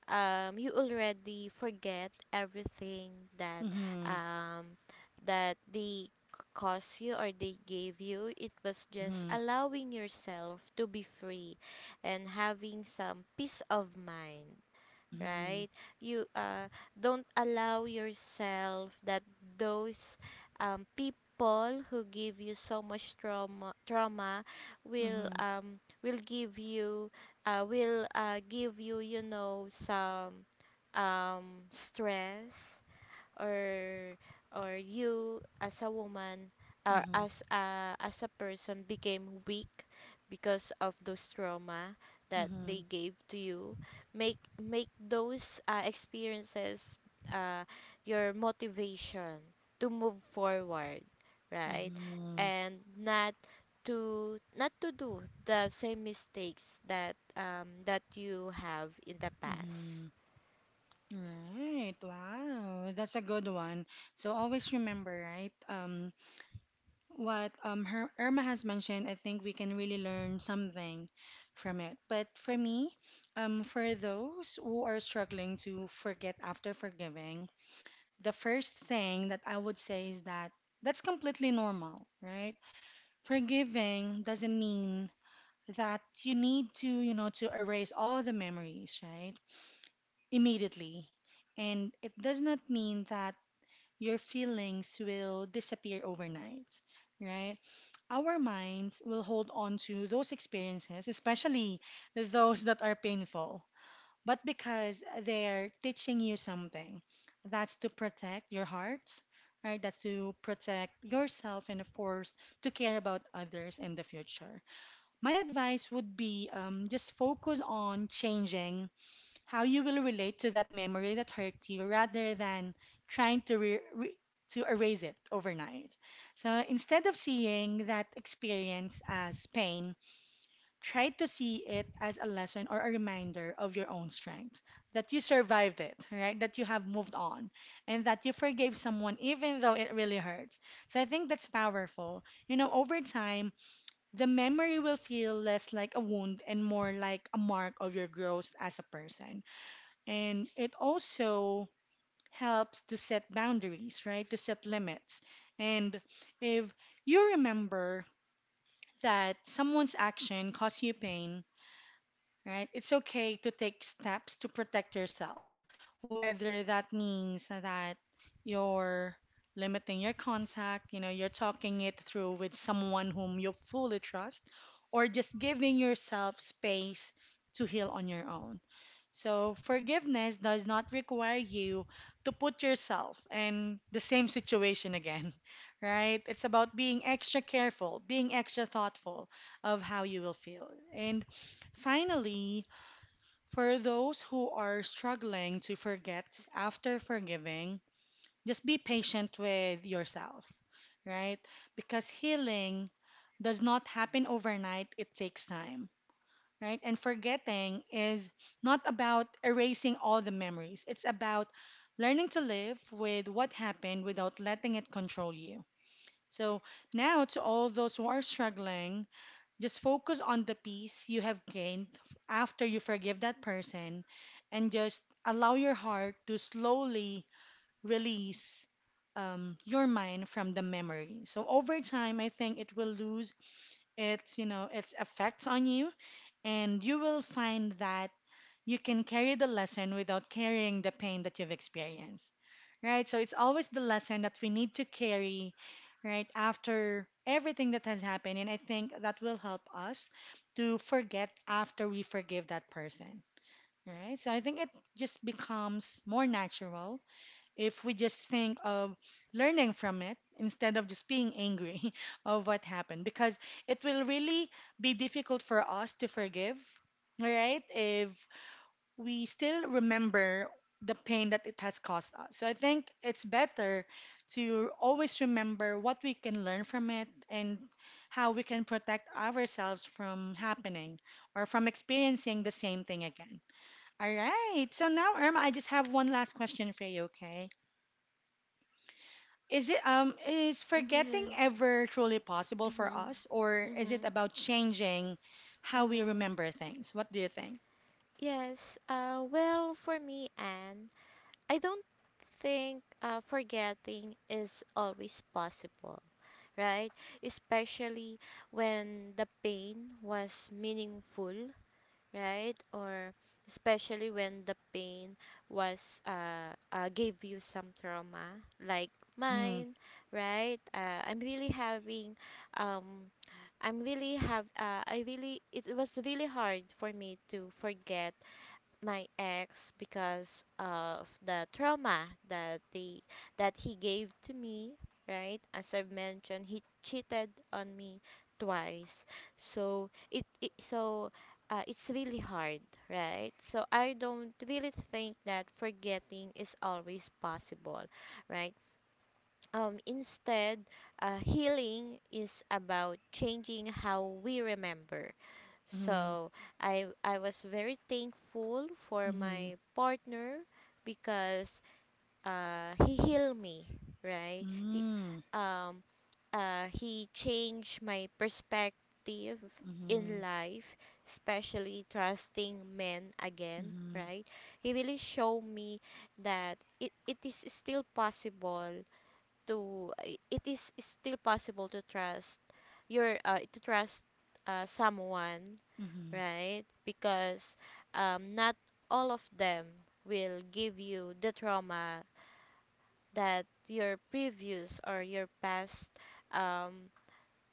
Speaker 2: you already forget everything that,
Speaker 1: Mm-hmm.
Speaker 2: um, that they c- caused you or they gave you. It was
Speaker 1: Mm-hmm.
Speaker 2: just
Speaker 1: Mm-hmm.
Speaker 2: allowing yourself to be free, and having some peace of mind,
Speaker 1: Mm-hmm.
Speaker 2: right? You don't allow yourself that those, people who give you so much trauma will
Speaker 1: Mm-hmm.
Speaker 2: um, will give you will give you, you know, some, stress, or or you as a woman, or as a person, became weak because of those trauma that
Speaker 1: Mm-hmm.
Speaker 2: they gave to you. Make those experiences, uh, your motivation to move forward, right,
Speaker 1: Mm-hmm.
Speaker 2: and not to do the same mistakes that you have in the
Speaker 1: Mm-hmm.
Speaker 2: past.
Speaker 1: Right. Wow. That's a good one. So always remember, right? Irma has mentioned, I think we can really learn something from it. But for me, for those who are struggling to forget after forgiving, the first thing that I would say is that that's completely normal, right? Forgiving doesn't mean that you need to, you know, to erase all the memories, right? Immediately. And it does not mean that your feelings will disappear overnight, right? Our minds will hold on to those experiences, especially those that are painful, but because they're teaching you something. That's to protect your heart, right? That's to protect yourself and, of course, to care about others in the future. My advice would be just focus on changing how you will relate to that memory that hurt you rather than trying to re- re- to erase it overnight. So instead of seeing that experience as pain, try to see it as a lesson or a reminder of your own strength, that you survived it, right? That you have moved on and that you forgave someone even though it really hurts. So I think that's powerful. You know, over time, the memory will feel less like a wound and more like a mark of your growth as a person. And it also helps to set boundaries, right? To set limits. And if you remember that someone's action caused you pain, right? It's okay to take steps to protect yourself, whether that means that you're limiting your contact, you know, you're talking it through with someone whom you fully trust, or just giving yourself space to heal on your own. So, forgiveness does not require you to put yourself in the same situation again, right? It's about being extra careful, being extra thoughtful of how you will feel. And finally, for those who are struggling to forget after forgiving, just be patient with yourself, right? Because healing does not happen overnight, it takes time right? And forgetting is not about erasing all the memories, it's about learning to live with what happened without letting it control you. So, now to all those who are struggling, just focus on the peace you have gained after you forgive that person and just allow your heart to slowly release your mind from the memory. So over time, I think it will lose its, you know, its effects on you and you will find that you can carry the lesson without carrying the pain that you've experienced, right? So it's always the lesson that we need to carry, right, after everything that has happened. And I think that will help us to forget after we forgive that person, right? So I think it just becomes more natural if we just think of learning from it instead of just being angry of what happened because it will really be difficult for us to forgive right if we still remember the pain that it has caused us so I think it's better to always remember what we can learn from it and how we can protect ourselves from happening or from experiencing the same thing again all right so now irma I just have one last question for you okay is it is
Speaker 2: Mhm,
Speaker 1: forgetting
Speaker 2: yes,
Speaker 1: ever truly possible for
Speaker 2: mm-hmm.
Speaker 1: us, or is it
Speaker 2: Mm-hmm.
Speaker 1: about changing how we
Speaker 2: Mm-hmm.
Speaker 1: remember things? What do you think?
Speaker 2: Yes. Well, for me, Anne, I don't think forgetting is always possible, right? Especially when the pain was meaningful, right? Or especially when the pain was gave you some trauma, like
Speaker 1: Mm-hmm.
Speaker 2: mine, right? I'm really having um. I really it was really hard for me to forget my ex because of the trauma that they that he gave to me, right. As I've mentioned, he cheated on me twice. So it's really hard, right. So I don't really think that forgetting is always possible, right. Instead, healing is about changing how we remember.
Speaker 1: Mm-hmm.
Speaker 2: So I was very thankful for
Speaker 1: Mm-hmm.
Speaker 2: my partner because, he healed me, right? Um he changed my perspective
Speaker 1: Mm-hmm.
Speaker 2: in life, especially trusting men again,
Speaker 1: Mm-hmm.
Speaker 2: right? He really showed me that it is still possible to I- it is still possible to trust your to trust someone,
Speaker 1: Mm-hmm.
Speaker 2: right? Because, not all of them will give you the trauma that your previous, or your past, um,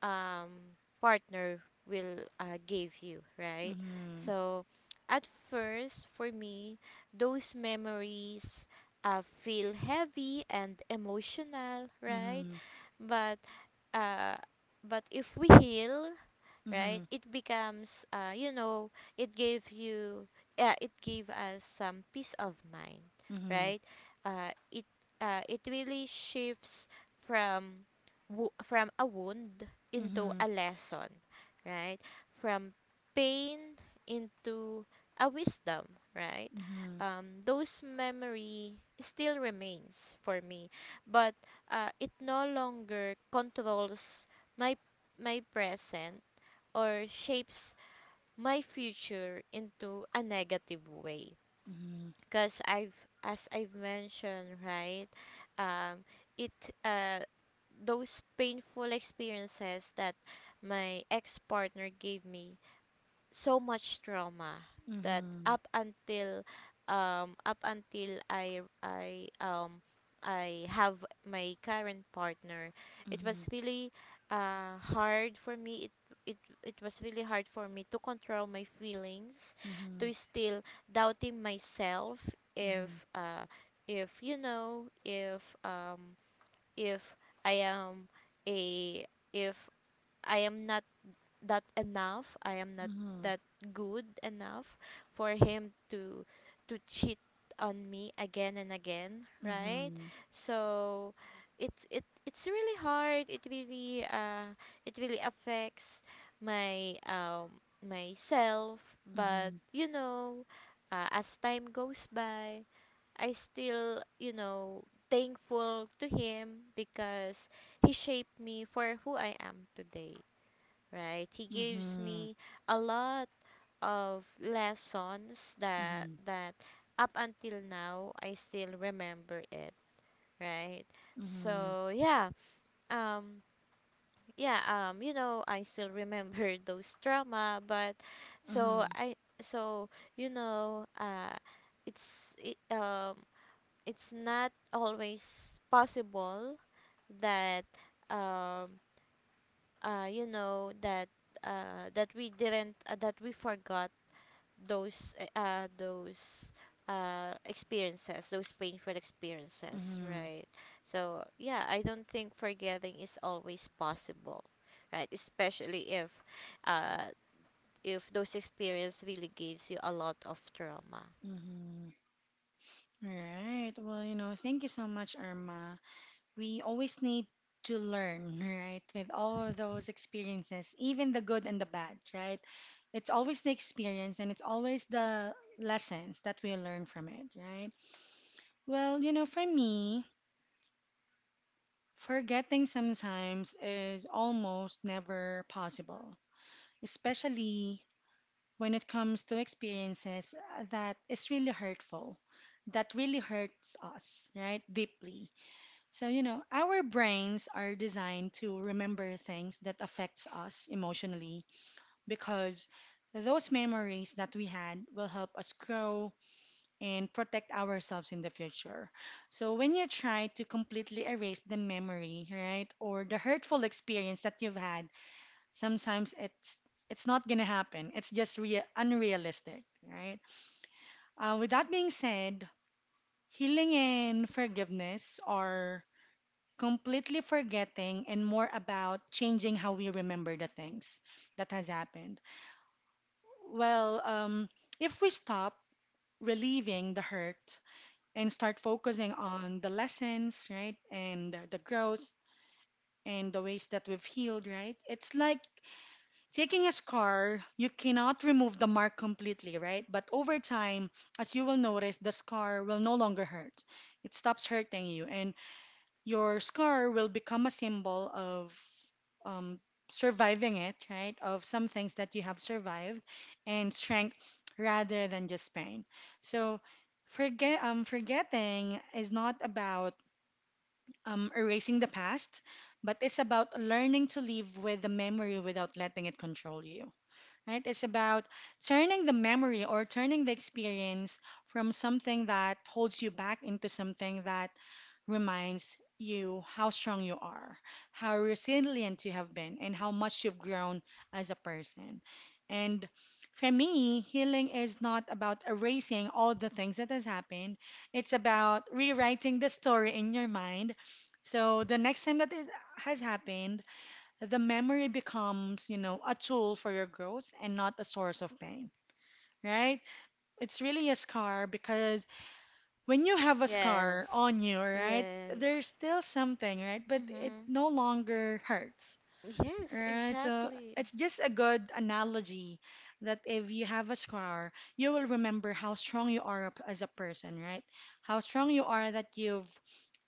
Speaker 2: um, partner will give you, right?
Speaker 1: Mm-hmm.
Speaker 2: So, at first, for me, those memories feel heavy and emotional,
Speaker 1: Mm-hmm.
Speaker 2: right?
Speaker 1: Mm-hmm.
Speaker 2: But uh, but if we heal, right, it becomes, you know, it gave us some peace of mind,
Speaker 1: Mm-hmm.
Speaker 2: right. uh, it it really shifts from, from a wound
Speaker 1: Mm-hmm.
Speaker 2: into
Speaker 1: Mm-hmm.
Speaker 2: a lesson, right, from pain into a wisdom, right.
Speaker 1: Mm-hmm.
Speaker 2: Those memory still remains for me, but it no longer controls my my present, or shapes my future into a negative way,
Speaker 1: Mm-hmm. Mm-hmm.
Speaker 2: because I've as I've mentioned, right, um it uh those painful experiences that my ex partner gave me so much trauma, that up until I have my current partner,
Speaker 1: Mm-hmm.
Speaker 2: it was
Speaker 1: Mm-hmm.
Speaker 2: really hard for me. It it it was really hard for me to control my feelings,
Speaker 1: Mm-hmm.
Speaker 2: to still doubting myself, if uh if you know if um if I am a if I am not that enough. I am not
Speaker 1: Hmm.
Speaker 2: that good enough for him to cheat on me again and again, right?
Speaker 1: Hmm.
Speaker 2: So it's really hard. It really affects my, myself, but
Speaker 1: Hmm.
Speaker 2: you know, as time goes by, I still, you know, thankful to him because he shaped me for who I am today, right? He gives me a lot of lessons that up until now I still remember it, right?
Speaker 1: Hmm.
Speaker 2: So yeah, um, yeah, you know, I still remember those trauma, but so I, so you know, it's it, um, it's not always possible that um, uh, you know that that we didn't that we forgot those uh uh, those those painful experiences,
Speaker 1: Hmm.
Speaker 2: right. So yeah, I don't think forgetting is always possible, right, especially uh if those experience really gives you a lot of trauma.
Speaker 1: Hmm. All right. Well, you know, thank you so much, Irma. We always need to learn, right? With all of those experiences, even the good and the bad, right? It's always the experience and it's always the lessons that we learn from it, right? Well, you know, for me, forgetting sometimes is almost never possible, especially when it comes to experiences that is really hurtful, that really hurts us, right? Deeply. So, you know, our brains are designed to remember things that affects us emotionally because those memories that we had will help us grow and protect ourselves in the future. So, when you try to completely erase the memory, right, or the hurtful experience that you've had, sometimes it's not going to happen. It's just rea unrealistic, right? With that being said, healing and forgiveness are completely forgetting and more about changing how we remember the things that has happened. Well, if we stop relieving the hurt and start focusing on the lessons, right, and the growth and the ways that we've healed, right, it's like taking a scar, you cannot remove the mark completely, right? But over time, as you will notice, the scar will no longer hurt. It stops hurting you. And your scar will become a symbol of um, surviving it, right? Of some things that you have survived and strength rather than just pain. So forgetting is not about erasing the past, but it's about learning to live with the memory without letting it control you. Right? It's about turning the memory or turning the experience from something that holds you back into something that reminds you how strong you are, how resilient you have been, and how much you've grown as a person. And for me, healing is not about erasing all the things that has happened. It's about rewriting the story in your mind. So the next time that it has happened, the memory becomes, you know, a tool for your growth and not a source of pain, right? It's really a scar because when you have a scar
Speaker 2: Yes,
Speaker 1: on you, right, there's
Speaker 2: yes,
Speaker 1: still something, right? But it
Speaker 2: mm-hmm,
Speaker 1: no longer hurts,
Speaker 2: yes,
Speaker 1: right? So
Speaker 2: exactly,
Speaker 1: it's just a good analogy that if you have a scar, you will remember how strong you are as a person, right? How strong you are that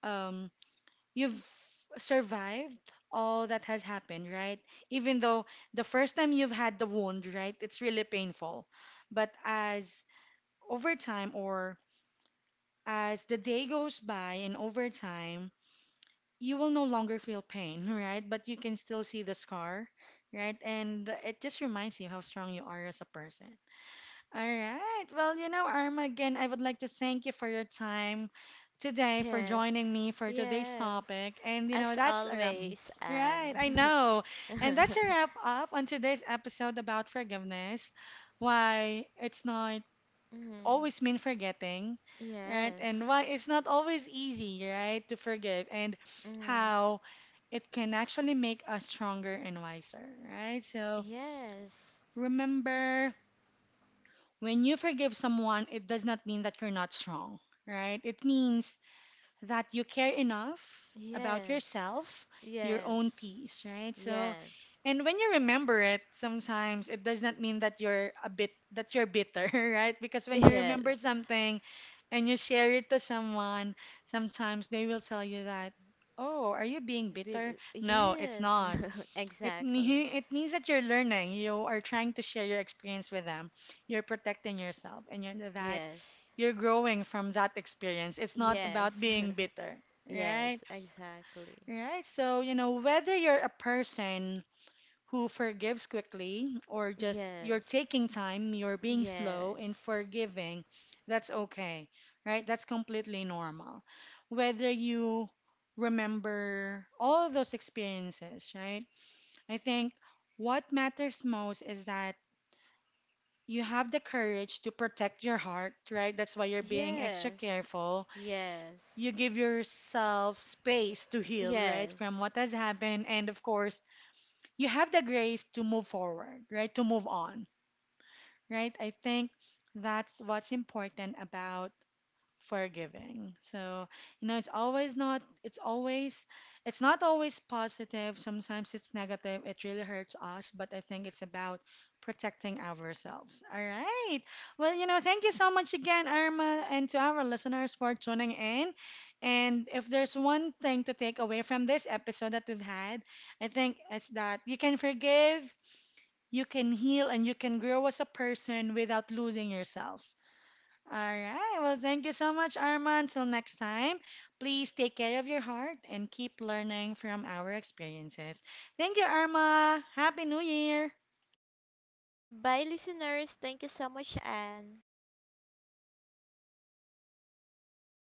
Speaker 1: um you've survived all that has happened, right? Even though the first time you've had the wound, right, it's really painful. But as over time or as the day goes by and over time, you will no longer feel pain, right? But you can still see the scar, right? And it just reminds you how strong you are as a person. All right. Well, you know, Arma, again, I would like to thank you for your time today, for
Speaker 2: yes,
Speaker 1: joining me for today's
Speaker 2: yes,
Speaker 1: topic. And, you
Speaker 2: as
Speaker 1: know, that's a wrap.
Speaker 2: always,
Speaker 1: Right, I
Speaker 2: and
Speaker 1: know. And that's a wrap up on today's episode about forgiveness. Why it's not
Speaker 2: mm,
Speaker 1: always mean forgetting, right? And
Speaker 2: yes.
Speaker 1: why it's not always easy, right, to forgive and
Speaker 2: Mm-hmm.
Speaker 1: how it can actually make us stronger and wiser, right? So
Speaker 2: Yes.
Speaker 1: remember, when you forgive someone, it does not mean that you're not strong, right? It means that you care enough about
Speaker 2: Yes.
Speaker 1: yourself, your own
Speaker 2: Yes.
Speaker 1: peace, right? So
Speaker 2: Yes.
Speaker 1: and when you remember it, sometimes it does not mean that you're bitter, right? Because when you
Speaker 2: Yes.
Speaker 1: remember something, and you share it to someone, sometimes they will tell you that, "Oh, are you being bitter?" No, it's
Speaker 2: Yes.
Speaker 1: not. It
Speaker 2: Exactly.
Speaker 1: me it means that you're learning. You are trying to share your experience with them. You're protecting yourself, and you're that
Speaker 2: Yes.
Speaker 1: you're growing from that experience. It's not about
Speaker 2: Yes.
Speaker 1: being bitter,
Speaker 2: Yes.
Speaker 1: right?
Speaker 2: Exactly.
Speaker 1: Right. So, you know, whether you're a person who forgives quickly or just you're
Speaker 2: Yes.
Speaker 1: taking time, you're being slow in
Speaker 2: Yes.
Speaker 1: forgiving, that's okay, right? That's completely normal. Whether you remember all those experiences, right? I think what matters most is that you have the courage to protect your heart, right? That's why you're being extra
Speaker 2: Yes.
Speaker 1: careful.
Speaker 2: Yes.
Speaker 1: You give yourself space to heal, right,
Speaker 2: Yes.
Speaker 1: from what has happened. And of course, you have the grace to move forward, right? To move on. Right? I think that's what's important about forgiving. So, you know, it's not always positive. Sometimes it's negative. It really hurts us, but I think it's about protecting ourselves. All right. Well, you know, thank you so much again, Irma, and to our listeners for tuning in. And if there's one thing to take away from this episode that we've had, I think it's that you can forgive you can heal and you can grow as a person without losing yourself. All right. Well, thank you so much, Arma. Until next time, please take care of your heart and keep learning from our experiences. Thank you, Arma. Happy New Year.
Speaker 2: Bye, listeners. Thank you so much, Anne.